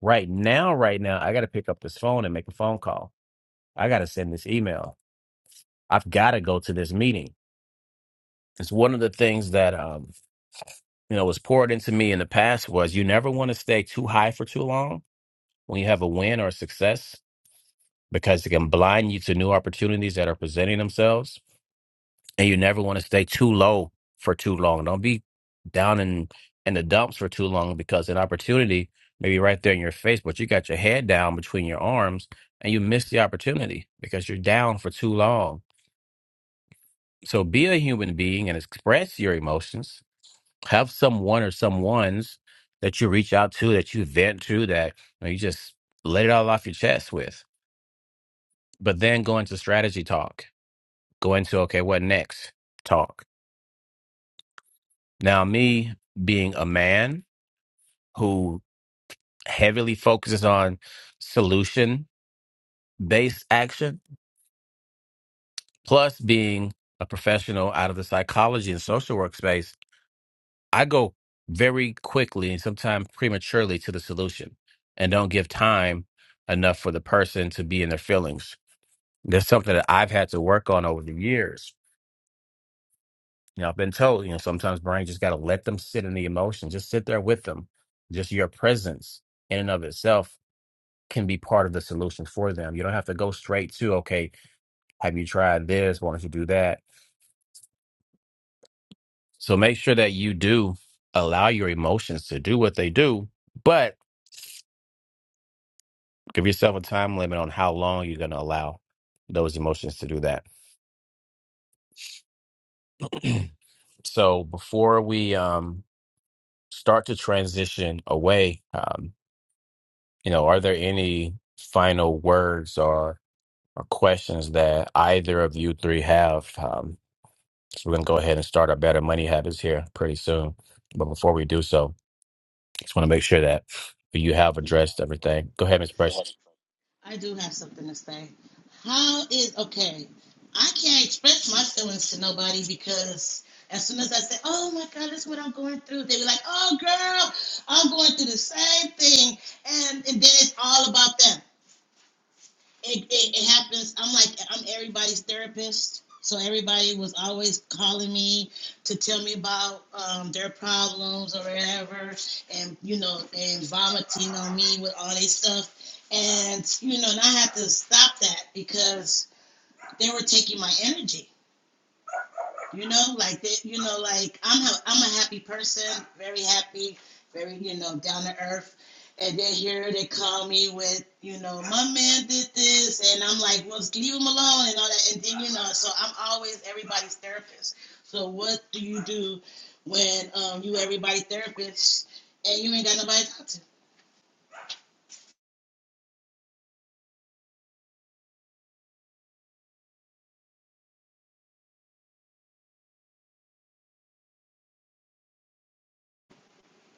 S1: Right now, right now, I got to pick up this phone and make a phone call. I got to send this email. I've got to go to this meeting. It's one of the things that, um, you know, was poured into me in the past was you never want to stay too high for too long when you have a win or a success because it can blind you to new opportunities that are presenting themselves. And you never want to stay too low for too long. Don't be down in, in the dumps for too long because an opportunity may be right there in your face, but you got your head down between your arms and you miss the opportunity because you're down for too long. So be a human being and express your emotions. Have someone or someones that you reach out to, that you vent to, that you, know, you just let it all off your chest with but then go into strategy talk, go into, okay, what next talk. Now, me being a man who heavily focuses on solution based action, plus being a professional out of the psychology and social work space, I go very quickly and sometimes prematurely to the solution and don't give time enough for the person to be in their feelings. That's something that I've had to work on over the years You know, I've been told, you know, sometimes brain just got to let them sit in the emotion, just sit there with them. Just your presence in and of itself can be part of the solution for them. You don't have to go straight to, okay, have you tried this? Why don't you do that? So make sure that you do allow your emotions to do what they do, but give yourself a time limit on how long you're going to allow those emotions to do that. So before we um, start to transition away, um, you know, are there any final words or or questions that either of you three have. Um, so we're going to go ahead and start our better money habits here pretty soon. But before we do so, just want to make sure that you have addressed everything. Go ahead, Miss Precious.
S2: I do have something to say. How is okay? I can't express my feelings to nobody because as soon as I say, "Oh my God, this is what I'm going through," they be like, "Oh girl, I'm going through the same thing," and and then it's all about them it, it, it happens. I'm like, I'm everybody's therapist. So everybody was always calling me to tell me about um, their problems or whatever, and you know, and vomiting on me with all this stuff. And you know, and I had to stop that because they were taking my energy. You know, like that. You know, like I'm a, I'm a happy person, very happy, very you know down to earth. And then here they call me with you know my man did this, and I'm like, well, just leave him alone and all that. And then you know, so I'm always everybody's therapist. So what do you do when um, you everybody therapist and you ain't got nobody to talk to?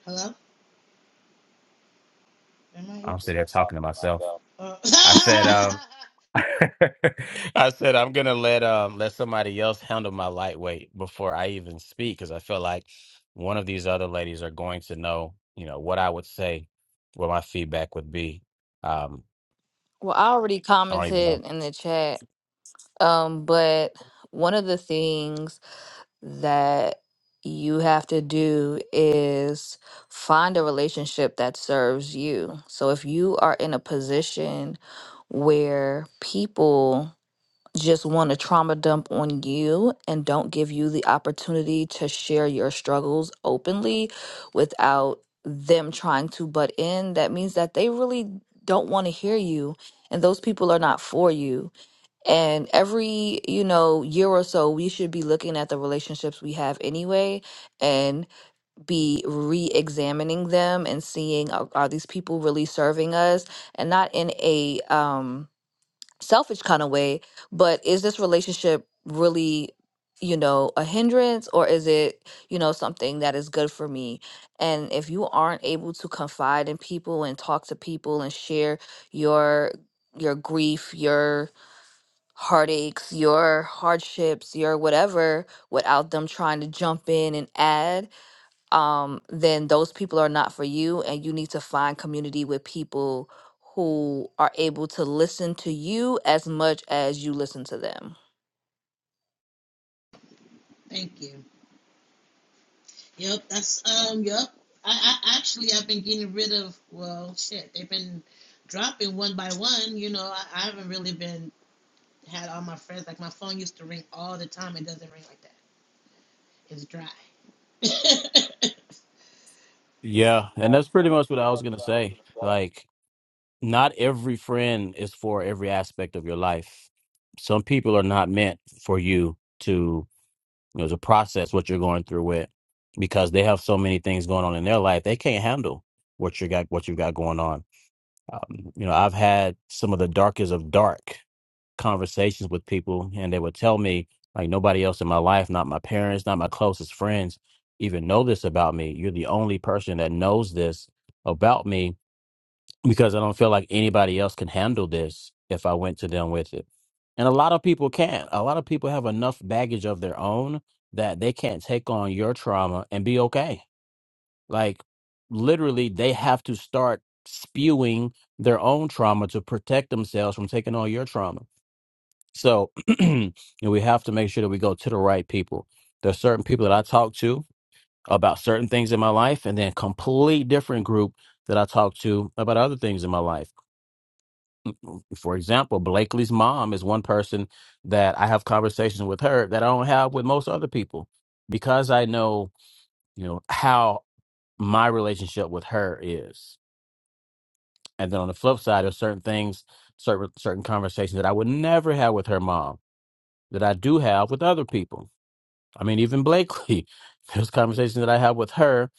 S2: Hello, am
S1: I'm sitting here talking to myself.
S2: I?
S1: I said,
S2: Uh,
S1: um, I said I'm gonna let um let somebody else handle my lightweight before I even speak because I feel like one of these other ladies are going to know, you know, what I would say, what my feedback would be. Um,
S4: Well, I already
S1: I don't even know.
S4: commented in the chat, um, but one of the things that you have to do is find a relationship that serves you. So if you are in a position where people just want to trauma dump on you and don't give you the opportunity to share your struggles openly without them trying to butt in, that means that they really don't want to hear you and those people are not for you. And every, you know, year or so, we should be looking at the relationships we have anyway and be re-examining them and seeing are, are these people really serving us and not in a um selfish kind of way, but is this relationship really, you know, a hindrance or is it, you know, something that is good for me? And if you aren't able to confide in people and talk to people and share your your grief, your heartaches, your hardships, your whatever, without them trying to jump in and add, um, then those people are not for you. And you need to find community with people who are able to listen to you as much as you listen to them.
S2: thank you. Yep, that's um. Yep, I, I actually I've been getting rid of. Well, shit, they've been dropping one by one. You know, I, I haven't really been had all my friends. Like my phone used to ring all the time. It doesn't ring like that. It's dry.
S1: Yeah, and that's pretty much what I was gonna say. Like, not every friend is for every aspect of your life. Some people are not meant for you to, you know, to process what you're going through with because they have so many things going on in their life they can't handle what you got what you got going on. Um, you know, I've had some of the darkest of dark conversations with people and they would tell me like nobody else in my life not my parents not my closest friends even know this about me you're the only person that knows this about me because i don't feel like anybody else can handle this if i went to them with it and a lot of people can't a lot of people have enough baggage of their own that they can't take on your trauma and be okay like literally they have to start spewing their own trauma to protect themselves from taking on your trauma so, you know, we have to make sure that we go to the right people. There's certain people that I talk to about certain things in my life, and then complete different group that I talk to about other things in my life. For example, Blakely's mom is one person that I have conversations with her that I don't have with most other people because I know, you know, how my relationship with her is. And then on the flip side, there's certain things, certain certain conversations that I would never have with her mom that I do have with other people I mean, even Blakely, there's conversations that I have with her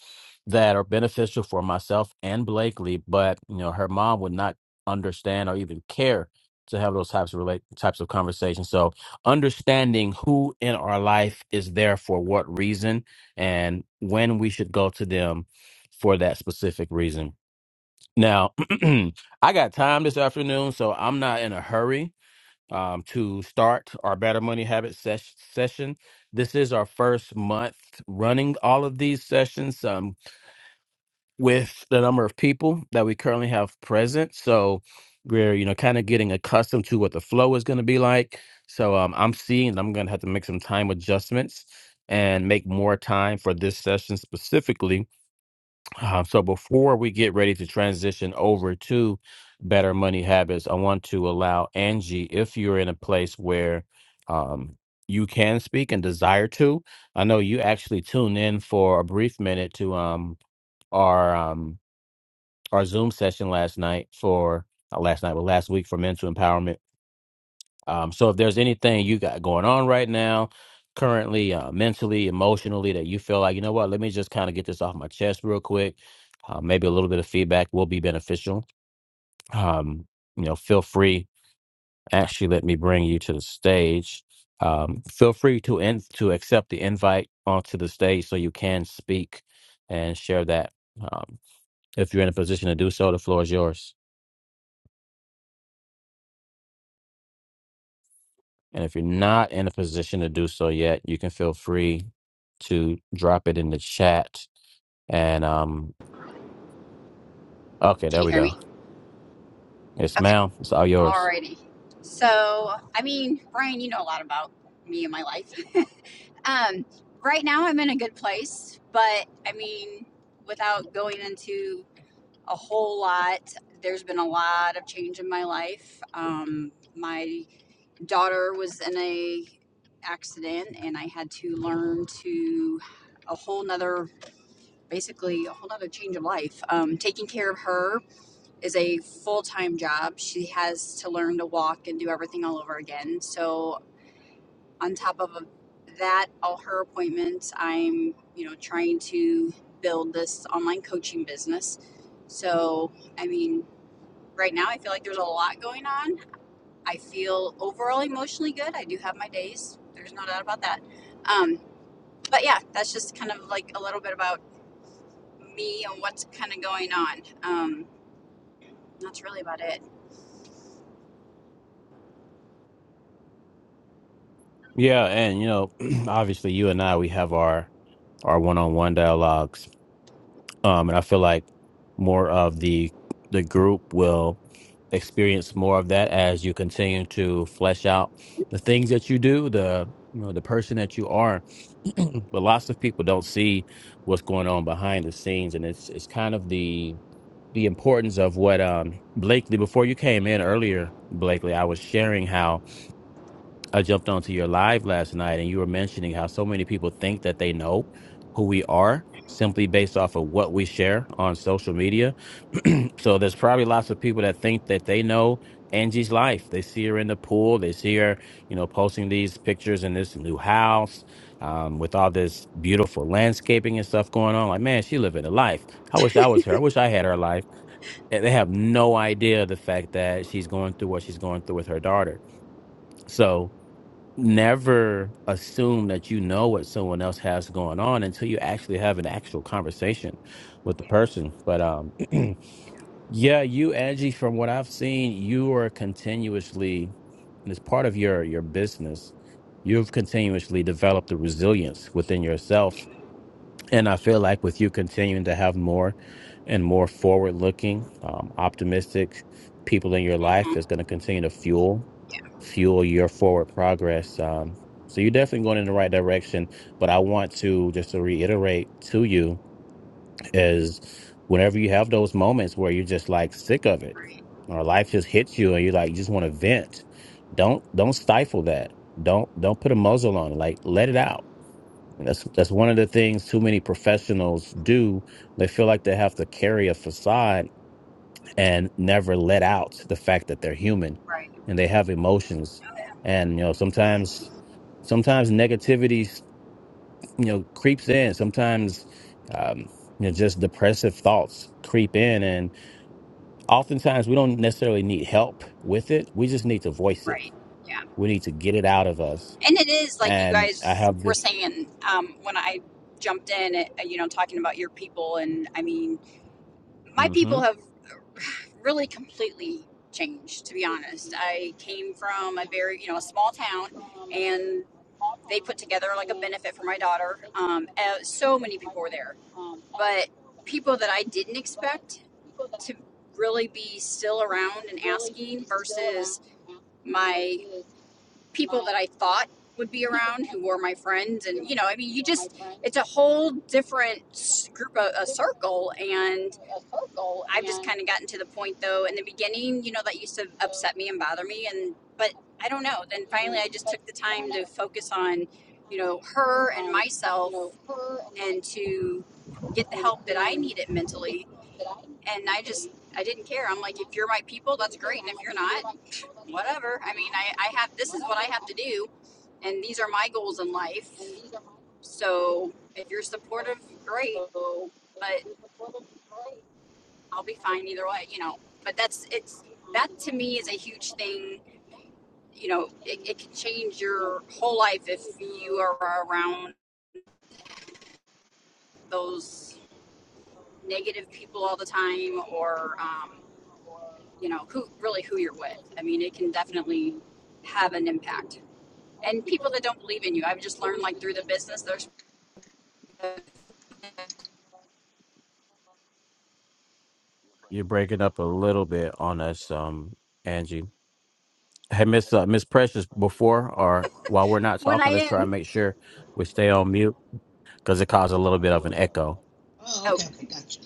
S1: that are beneficial for myself and Blakely, but you know, her mom would not understand or even care to have those types of relate types of conversations. So understanding who in our life is there for what reason and when we should go to them for that specific reason. Now, I got time this afternoon, so I'm not in a hurry um, to start our Better Money Habit ses- session. This is our first month running all of these sessions um, with the number of people that we currently have present. So we're you know kind of getting accustomed to what the flow is going to be like. So um, I'm seeing I'm going to have to make some time adjustments and make more time for this session specifically uh, so before we get ready to transition over to better money habits, I want to allow Angie, if you're in a place where um, you can speak and desire to, I know you actually tuned in for a brief minute to um, our um, our Zoom session last night for uh, last night, well, last week for mental empowerment um, so if there's anything you got going on right now, currently, uh, mentally, emotionally, that you feel like, you know what, let me just kind of get this off my chest real quick. Uh, maybe a little bit of feedback will be beneficial. Um, you know, feel free. Actually, let me bring you to the stage. Um, feel free to in, to accept the invite onto the stage so you can speak and share that. Um, if you're in a position to do so, the floor is yours. And if you're not in a position to do so yet, you can feel free to drop it in the chat. And um, okay,
S5: Can
S1: there
S5: you
S1: we
S5: hear
S1: go.
S5: me?
S1: It's
S5: Okay.
S1: ma'am, it's all yours.
S5: Alrighty. So, I mean, Brian, you know a lot about me and my life. um, right now, I'm in a good place, but I mean, without going into a whole lot, there's been a lot of change in my life. Um, my daughter was in a accident, and I had to learn to a whole nother, basically, a whole nother change of life. Um, taking care of her is a full time job. She has to learn to walk and do everything all over again. So on top of that, all her appointments, I'm you know trying to build this online coaching business. So I mean, right now I feel like there's a lot going on. I feel overall emotionally good. I do have my days. There's no doubt about that. Um, but yeah, that's just kind of like a little bit about me and what's kind of going on. Um, that's really about it.
S1: Yeah, and you know, obviously, you and I we have our our one-on-one dialogues, um, and I feel like more of the the group will experience more of that as you continue to flesh out the things that you do, the you know the person that you are but lots of people don't see what's going on behind the scenes, and it's it's kind of the the importance of what um Blakely. Before you came in earlier, Blakely, I was sharing how I jumped onto your live last night and you were mentioning how so many people think that they know who we are simply based off of what we share on social media. so there's probably lots of people that think that they know Angie's life. They see her in the pool, they see her, you know, posting these pictures in this new house um, with all this beautiful landscaping and stuff going on. Like, man, she living a life. I wish I was her. I wish I had her life. And they have no idea the fact that she's going through what she's going through with her daughter. So, never assume that you know what someone else has going on until you actually have an actual conversation with the person. But um yeah, you Angie, from what I've seen, you are continuously and it's part of your your business, you've continuously developed the resilience within yourself and I feel like with you continuing to have more and more forward looking, um, optimistic people in your
S5: hmm
S1: life is going to continue to fuel fuel your forward progress. Um, so you're definitely going in the right direction. But I want to just to reiterate to you is whenever you have those moments where you're just like sick of it,
S5: Right.
S1: or life just hits you and you're like you just want to vent, don't don't stifle that. Don't don't put a muzzle on it. Like let it out that's that's one of the things too many professionals do. They feel like they have to carry a facade and never let out the fact that they're human
S5: Right.
S1: and they have emotions.
S5: Okay.
S1: And you know, sometimes sometimes negativity you know creeps in. Sometimes um, you know just depressive thoughts creep in, and oftentimes we don't necessarily need help with it. We just need to voice it.
S5: Right. Yeah.
S1: We need to get it out of us.
S5: And it is like you
S1: And I
S5: guys
S1: have
S5: were
S1: this.
S5: saying um, when I jumped in, uh you know, talking about your people. And I mean, my
S1: mm-hmm.
S5: people have really completely changed, to be honest. I came from a very, you know, a small town and they put together like a benefit for my daughter. Um, uh, so many people were there, but people that I didn't expect to really be still around and asking versus my people that I thought would be around who were my friends. And, you know, I mean, you just, it's a whole different group, of, a circle. And I've just kind of gotten to the point, though, in the beginning, you know, that used to upset me and bother me. And, but I don't know. Then finally, I just took the time to focus on, you know, her and myself and to get the help that I needed mentally. And I just, I didn't care. I'm like, if you're my people, that's great. And if you're not, whatever. I mean, I, I have this is what I have to do, and these are my goals in life. So if you're supportive, great, but I'll be fine either way, you know. But that's it's that to me is a huge thing. You know, it, it can change your whole life if you are around those negative people all the time, or um, you know, who really who you're with. I mean, it can definitely have an impact. And people that don't believe in you, I've just learned like through the business, there's
S1: You're breaking up a little bit on us, um, Angie. Hey, Miss uh, Miss Precious, before or while we're not
S5: when I
S1: talking, let's try
S5: am.
S1: and make sure we stay on mute because it caused a little bit of an echo.
S2: oh,
S5: Oh,
S2: okay, okay, gotcha.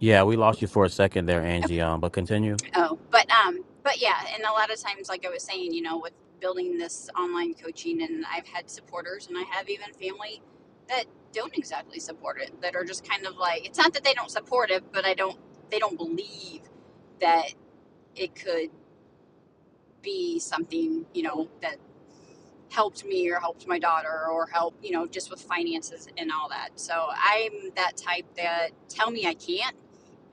S1: Yeah, we lost you for a second there,
S5: okay.
S1: Angie. Um, but continue.
S5: Oh, but um, but yeah, and a lot of times, like I was saying, you know, with building this online coaching, and I've had supporters, and I have even family that don't exactly support it, that are just kind of like, it's not that they don't support it, but I don't, they don't believe that it could be something, you know, that helped me or helped my daughter or help, you know, just with finances and all that. So I'm that type that tell me I can't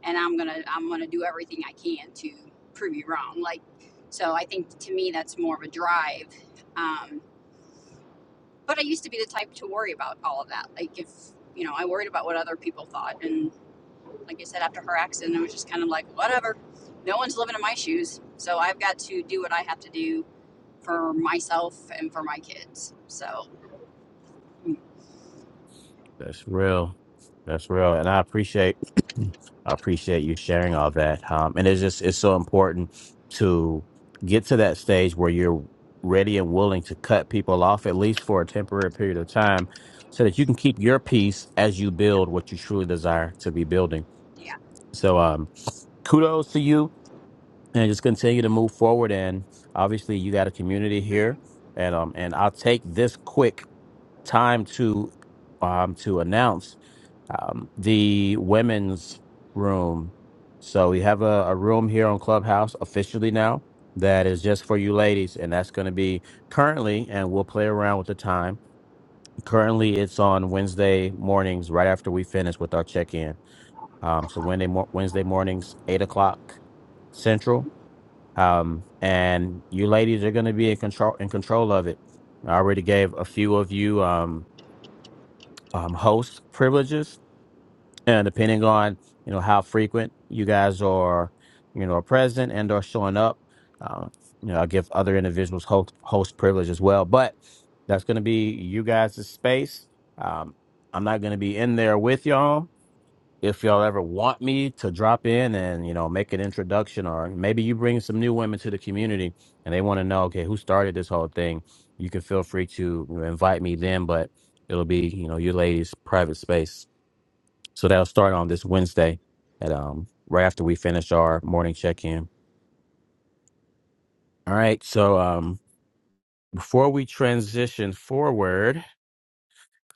S5: and I'm gonna I'm gonna do everything I can to prove you wrong. Like, so I think to me that's more of a drive. Um, but I used to be the type to worry about all of that. Like, if you know, I worried about what other people thought, and like I said, after her accident, I was just kind of like, whatever. No one's living in my shoes, so I've got to do what I have to do for myself and for my kids. So, mm,
S1: That's real. That's real. And I appreciate I appreciate you sharing all that. Um and it's just it's so important to get to that stage where you're ready and willing to cut people off at least for a temporary period of time so that you can keep your peace as you build what you truly desire to be building.
S5: yeah.
S1: So um kudos to you and just continue to move forward and obviously you got a community here and um and I'll take this quick time to um to announce um, the women's room. So we have a, a room here on Clubhouse officially now that is just for you ladies, and that's going to be currently, and we'll play around with the time. Currently, it's on Wednesday mornings, right after we finish with our check-in. Um, so Wednesday, mo- Wednesday mornings, eight o'clock Central, um, and you ladies are going to be in control in control of it. I already gave a few of you um, um, host privileges, and depending on you know how frequent you guys are you know are present and or showing up uh, you know i give other individuals host, host privilege as well but that's going to be you guys' space um, i'm not going to be in there with y'all if y'all ever want me to drop in and you know make an introduction or maybe you bring some new women to the community and they want to know okay who started this whole thing you can feel free to you know, invite me then but it'll be you know your ladies private space so that'll start on this Wednesday at um right after we finish our morning check in. All right. So um before we transition forward,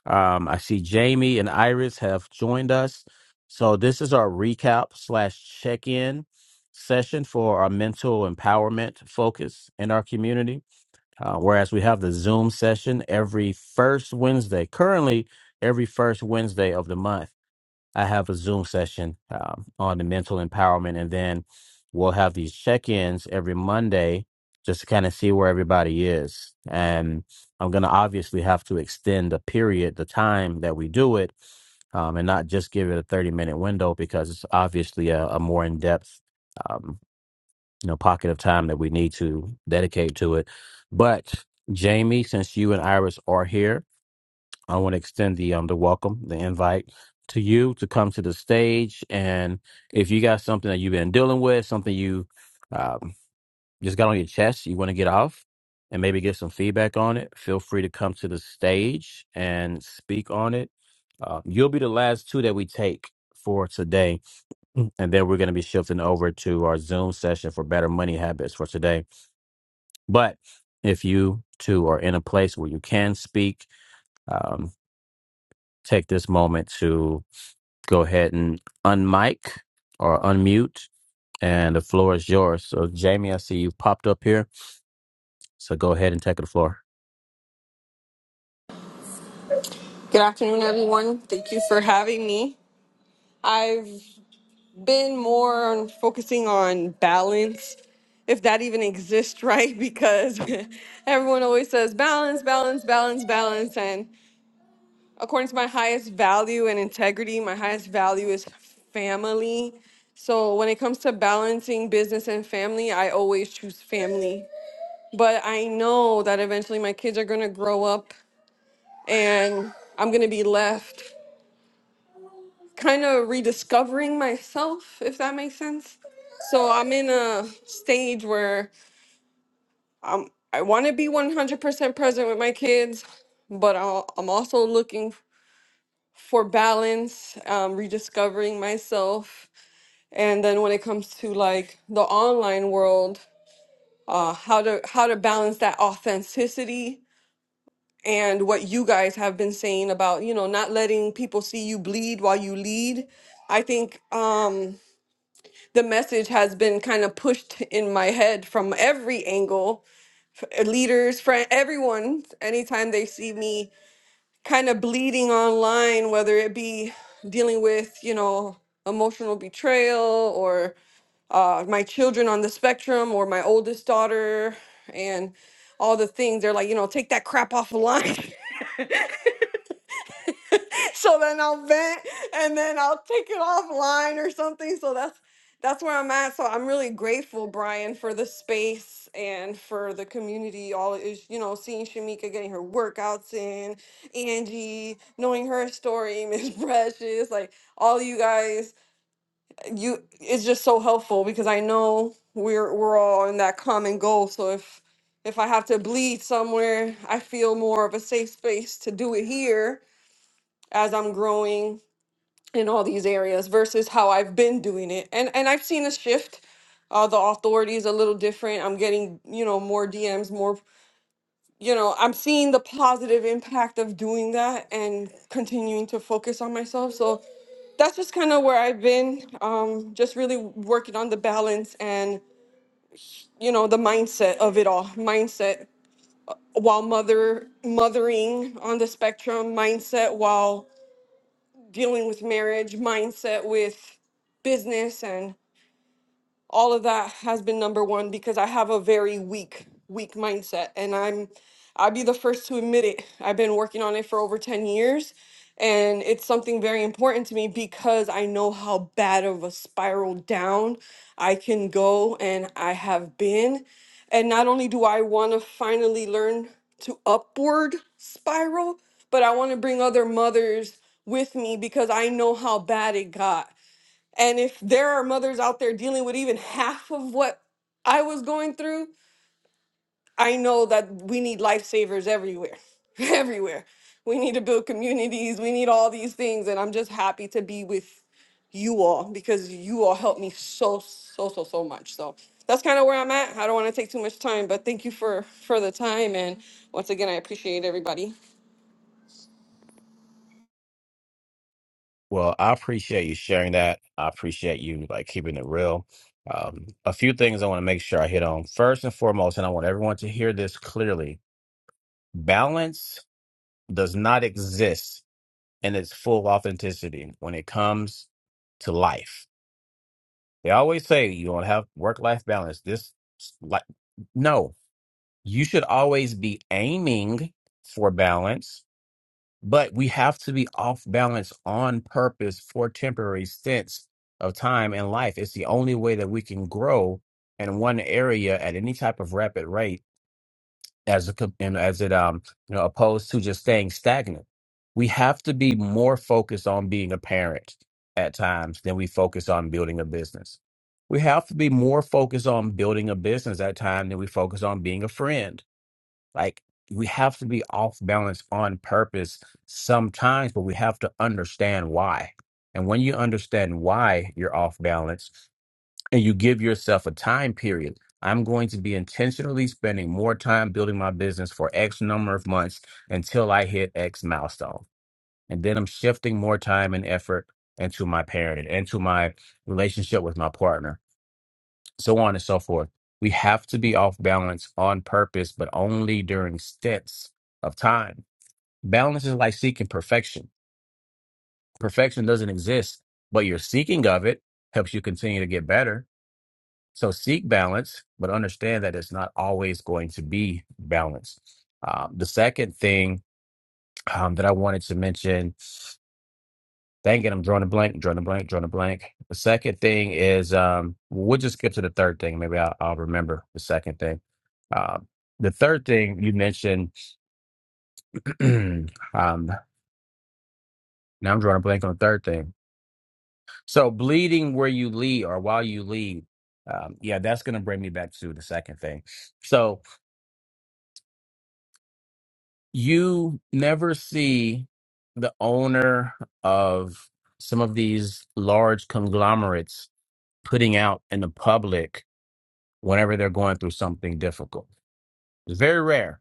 S1: um I see Jamie and Iris have joined us. So this is our recap slash check in session for our mental empowerment focus in our community. Uh, whereas we have the Zoom session every first Wednesday, currently every first Wednesday of the month. I have a Zoom session um, on the mental empowerment, and then we'll have these check-ins every Monday just to kind of see where everybody is. And I'm going to obviously have to extend the period, the time that we do it, um, and not just give it a 30-minute window because it's obviously a, a more in-depth, um, you know, pocket of time that we need to dedicate to it. But Jamie, since you and Iris are here. I want to extend the um the welcome, the invite to you to come to the stage. And if you got something that you've been dealing with, something you um, just got on your chest, you want to get off and maybe get some feedback on it, feel free to come to the stage and speak on it. Uh, you'll be the last two that we take for today. And then we're going to be shifting over to our Zoom session for better money habits for today. But if you too are in a place where you can speak, um, take this moment to go ahead and unmic or unmute, and the floor is yours. So, Jamie, I see you popped up here. So, go ahead and take the floor.
S6: Good afternoon, everyone. Thank you for having me. I've been more on focusing on balance, if that even exists, right? Because everyone always says balance, balance, balance, balance. And according to my highest value and integrity, my highest value is family. So when it comes to balancing business and family, I always choose family. But I know that eventually my kids are going to grow up and I'm going to be left kind of rediscovering myself, if that makes sense. So I'm in a stage where I'm, I want to be 100% present with my kids, but I'll, I'm also looking for balance, um, rediscovering myself. And then when it comes to like the online world, uh, how to how to balance that authenticity and what you guys have been saying about you know not letting people see you bleed while you lead. I think um, the message has been kind of pushed in my head from every angle f- leaders friend everyone anytime they see me kind of bleeding online whether it be dealing with you know emotional betrayal or uh, my children on the spectrum or my oldest daughter and all the things they're like you know take that crap off the line so then I'll vent and then I'll take it offline or something. So that's that's where I'm at. So I'm really grateful, Brian, for the space and for the community. All is you know, seeing Shamika getting her workouts in, Angie, knowing her story, Miss Precious, like all you guys, you it's just so helpful because I know we're we're all in that common goal. So if if I have to bleed somewhere, I feel more of a safe space to do it here as I'm growing in all these areas versus how I've been doing it. And and I've seen a shift. Uh, the authority is a little different. I'm getting you know more DMs, more you know. I'm seeing the positive impact of doing that and continuing to focus on myself. So that's just kind of where I've been. Um, just really working on the balance and you know the mindset of it all. Mindset while mother mothering on the spectrum. Mindset while dealing with marriage. Mindset with business all of that has been number one because I have a very weak, weak mindset. And I'm, I'll be the first to admit it. I've been working on it for over 10 years. And it's something very important to me because I know how bad of a spiral down I can go and I have been. And not only do I want to finally learn to upward spiral, but I want to bring other mothers with me because I know how bad it got and if there are mothers out there dealing with even half of what I was going through, I know that we need lifesavers everywhere, everywhere. We need to build communities. We need all these things. And I'm just happy to be with you all because you all helped me so, so, so, so much. So that's kind of where I'm at. I don't want to take too much time, but thank you for, for the time. And once again, I appreciate everybody.
S1: Well, I appreciate you sharing that. I appreciate you like keeping it real. Um, a few things I want to make sure I hit on. First and foremost, and I want everyone to hear this clearly balance does not exist in its full authenticity when it comes to life. They always say you don't have work life balance. This, like, no, you should always be aiming for balance, but we have to be off balance on purpose for temporary stints of time in life. It's the only way that we can grow in one area at any type of rapid rate as a, co- and as it um you know opposed to just staying stagnant. We have to be more focused on being a parent at times than we focus on building a business. We have to be more focused on building a business at time than we focus on being a friend like we have to be off balance on purpose sometimes, but we have to understand why. And when you understand why you're off balance and you give yourself a time period, I'm going to be intentionally spending more time building my business for X number of months until I hit X milestone. And then I'm shifting more time and effort into my parenting, into my relationship with my partner so on and so forth. We have to be off balance on purpose, but only during stints of time. Balance is like seeking perfection. Perfection doesn't exist, but your seeking of it helps you continue to get better. So seek balance, but understand that it's not always going to be balanced. Um, the second thing um, that I wanted to mention Thinking I'm drawing a blank, drawing a blank, drawing a blank. The second thing is, um, we'll just skip to the third thing. Maybe I'll, I'll remember the second thing. Uh, the third thing you mentioned, um, now I'm drawing a blank on the third thing. So bleeding where you lead or while you lead. Um, yeah, that's going to bring me back to the second thing. So you never see the owner of some of these large conglomerates putting out in the public whenever they're going through something difficult. It's very rare.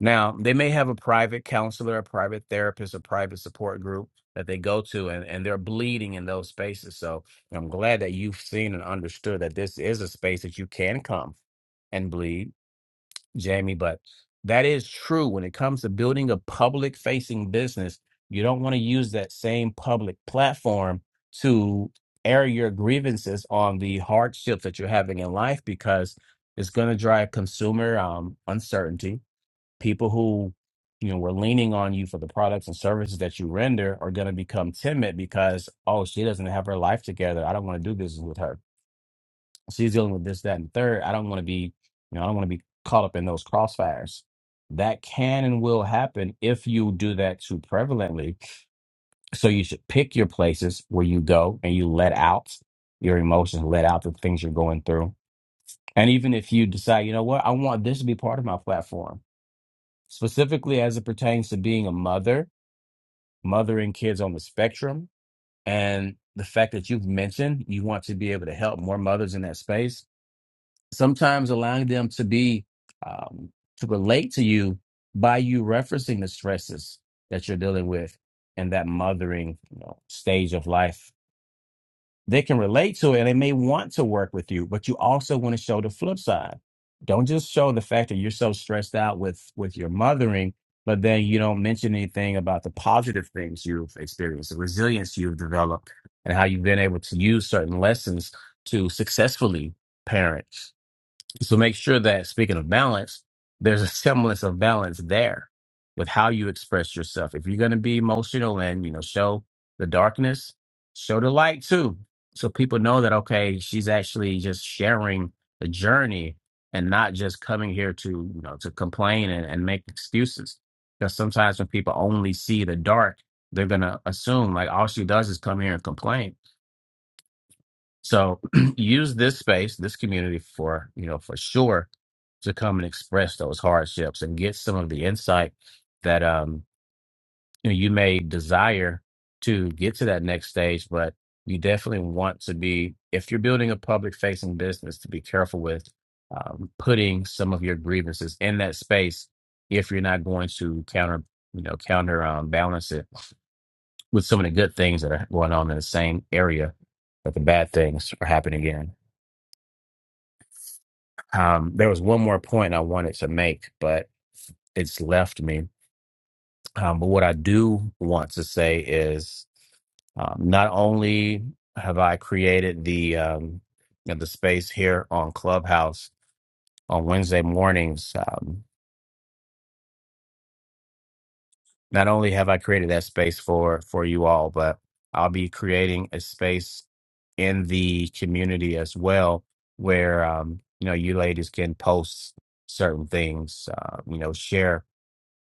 S1: Now, they may have a private counselor, a private therapist, a private support group that they go to, and, and they're bleeding in those spaces. So I'm glad that you've seen and understood that this is a space that you can come and bleed Jamie, but that is true. When it comes to building a public facing business, you don't want to use that same public platform to air your grievances on the hardships that you're having in life because it's going to drive consumer um, uncertainty. People who you know were leaning on you for the products and services that you render are going to become timid because oh she doesn't have her life together i don't want to do business with her she's dealing with this, that, and the third. I don't want to be, you know, I don't want to be caught up in those crossfires. That can and will happen if you do that too prevalently. So you should pick your places where you go and you let out your emotions, let out the things you're going through. And even if you decide, you know what, I want this to be part of my platform, specifically as it pertains to being a mother, mothering kids on the spectrum, and the fact that you've mentioned you want to be able to help more mothers in that space sometimes allowing them to be um, to relate to you by you referencing the stresses that you're dealing with in that mothering you know, stage of life they can relate to it and they may want to work with you but you also want to show the flip side don't just show the fact that you're so stressed out with with your mothering but then you don't mention anything about the positive things you've experienced the resilience you've developed and how you've been able to use certain lessons to successfully parent so make sure that speaking of balance, there's a semblance of balance there with how you express yourself. If you're going to be emotional and, you know, show the darkness, show the light too. So people know that, okay, she's actually just sharing the journey and not just coming here to, you know, to complain and, and make excuses. Because sometimes when people only see the dark, they're going to assume like all she does is come here and complain so use this space, this community for, you know, for sure to come and express those hardships and get some of the insight that um you know you may desire to get to that next stage, but you definitely want to be if you're building a public facing business to be careful with um, putting some of your grievances in that space if you're not going to counter you know counter um, balance it with some of the good things that are going on in the same area but the bad things are happening again Um, there was one more point I wanted to make, but it's left me. Um, but what I do want to say is, um, not only have I created the um, you know, the space here on Clubhouse on Wednesday mornings, um, not only have I created that space for for you all, but I'll be creating a space in the community as well, where um, you know you ladies can post certain things, uh, you know, share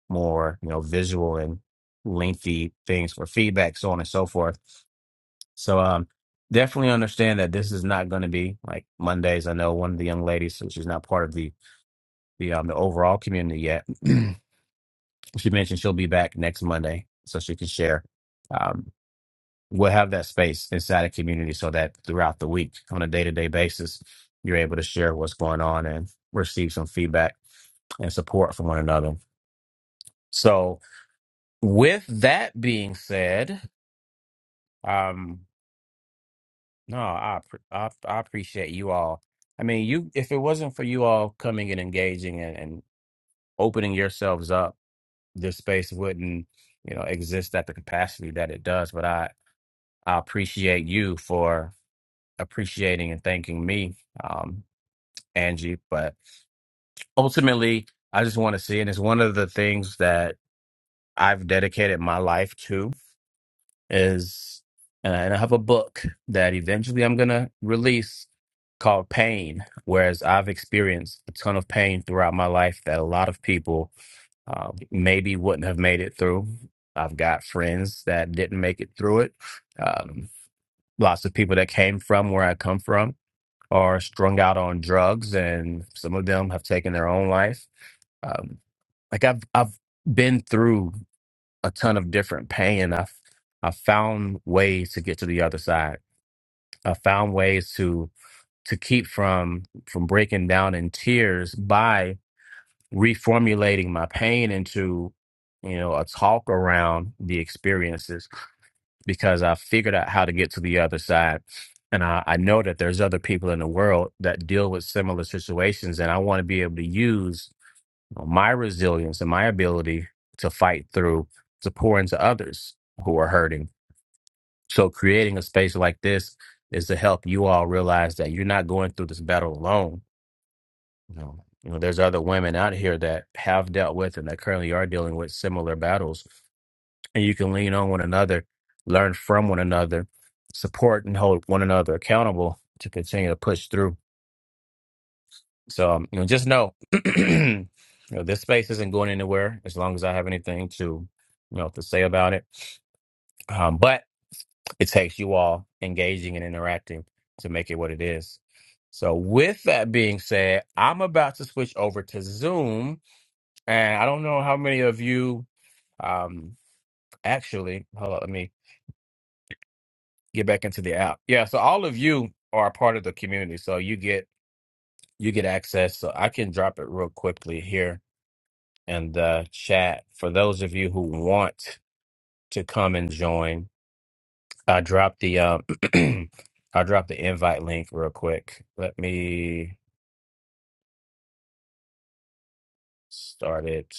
S1: more you know visual and lengthy things for feedback so on and so forth so um definitely understand that this is not going to be like mondays i know one of the young ladies so she's not part of the the um the overall community yet she mentioned she'll be back next monday so she can share um we'll have that space inside a community so that throughout the week on a day-to-day basis you're able to share what's going on and receive some feedback and support from one another so with that being said Um, no, I, appre- I I appreciate you all. I mean, you if it wasn't for you all coming and engaging and, and opening yourselves up, this space wouldn't, you know, exist at the capacity that it does. But I I appreciate you for appreciating and thanking me, um, Angie. But ultimately, I just want to see, and it's one of the things that I've dedicated my life to. is and I and I have a book that eventually I'm gonna release called Pain, whereas I've experienced a ton of pain throughout my life that a lot of people um, maybe wouldn't have made it through. I've got friends that didn't make it through it. Um, lots of people that came from where I come from are strung out on drugs, and some of them have taken their own life. Um, like I've I've been through a ton of different pain. I I found ways to get to the other side. I found ways to to keep from from breaking down in tears by reformulating my pain into you know a talk around the experiences because I figured out how to get to the other side. And I, I know that there's other people in the world that deal with similar situations, and I want to be able to use my resilience and my ability to fight through to pour into others who are hurting So creating a space like this is to help you all realize that you're not going through this battle alone. You know, you know, there's other women out here that have dealt with and that currently are dealing with similar battles, and you can lean on one another, learn from one another, support and hold one another accountable to continue to push through. So, um, you know, just know, you know, this space isn't going anywhere as long as I have anything to, you know, to say about it. Um, but It takes you all engaging and interacting to make it what it is. So, with that being said, I'm about to switch over to Zoom. And I don't know how many of you um, actually, hold on, let me get back into the app. Yeah, so all of you are a part of the community. So, you get you get access. So, I can drop it real quickly here in the chat for those of you who want to come and join I dropped the um I dropped the invite link real quick. Let me start it.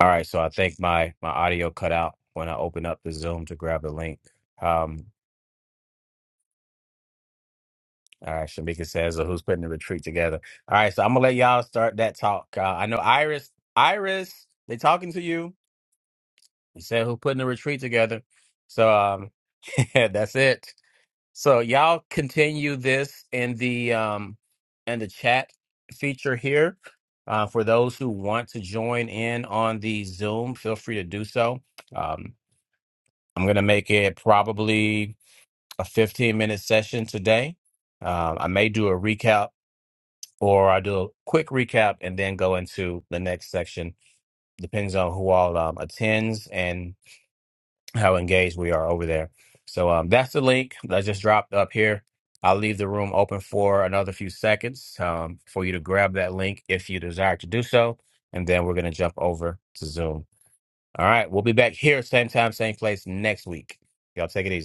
S1: All right, so I think my my audio cut out when I open up the Zoom to grab the link. Um all right, Shamika says, "So who's putting the retreat together? All right, so I'm gonna let y'all start that talk. Uh, I know Iris, Iris, they talking to you. You said who's putting the retreat together. So um, yeah, that's it. So y'all continue this in the um in the chat feature here. Uh, for those who want to join in on the Zoom, feel free to do so. Um, I'm gonna make it probably a 15 minute session today. Um, I may do a recap or I do a quick recap and then go into the next section. Depends on who all um, attends and how engaged we are over there. So um, that's the link that I just dropped up here. I'll leave the room open for another few seconds um, for you to grab that link if you desire to do so. And then we're going to jump over to Zoom. All right. We'll be back here, same time, same place next week. Y'all take it easy.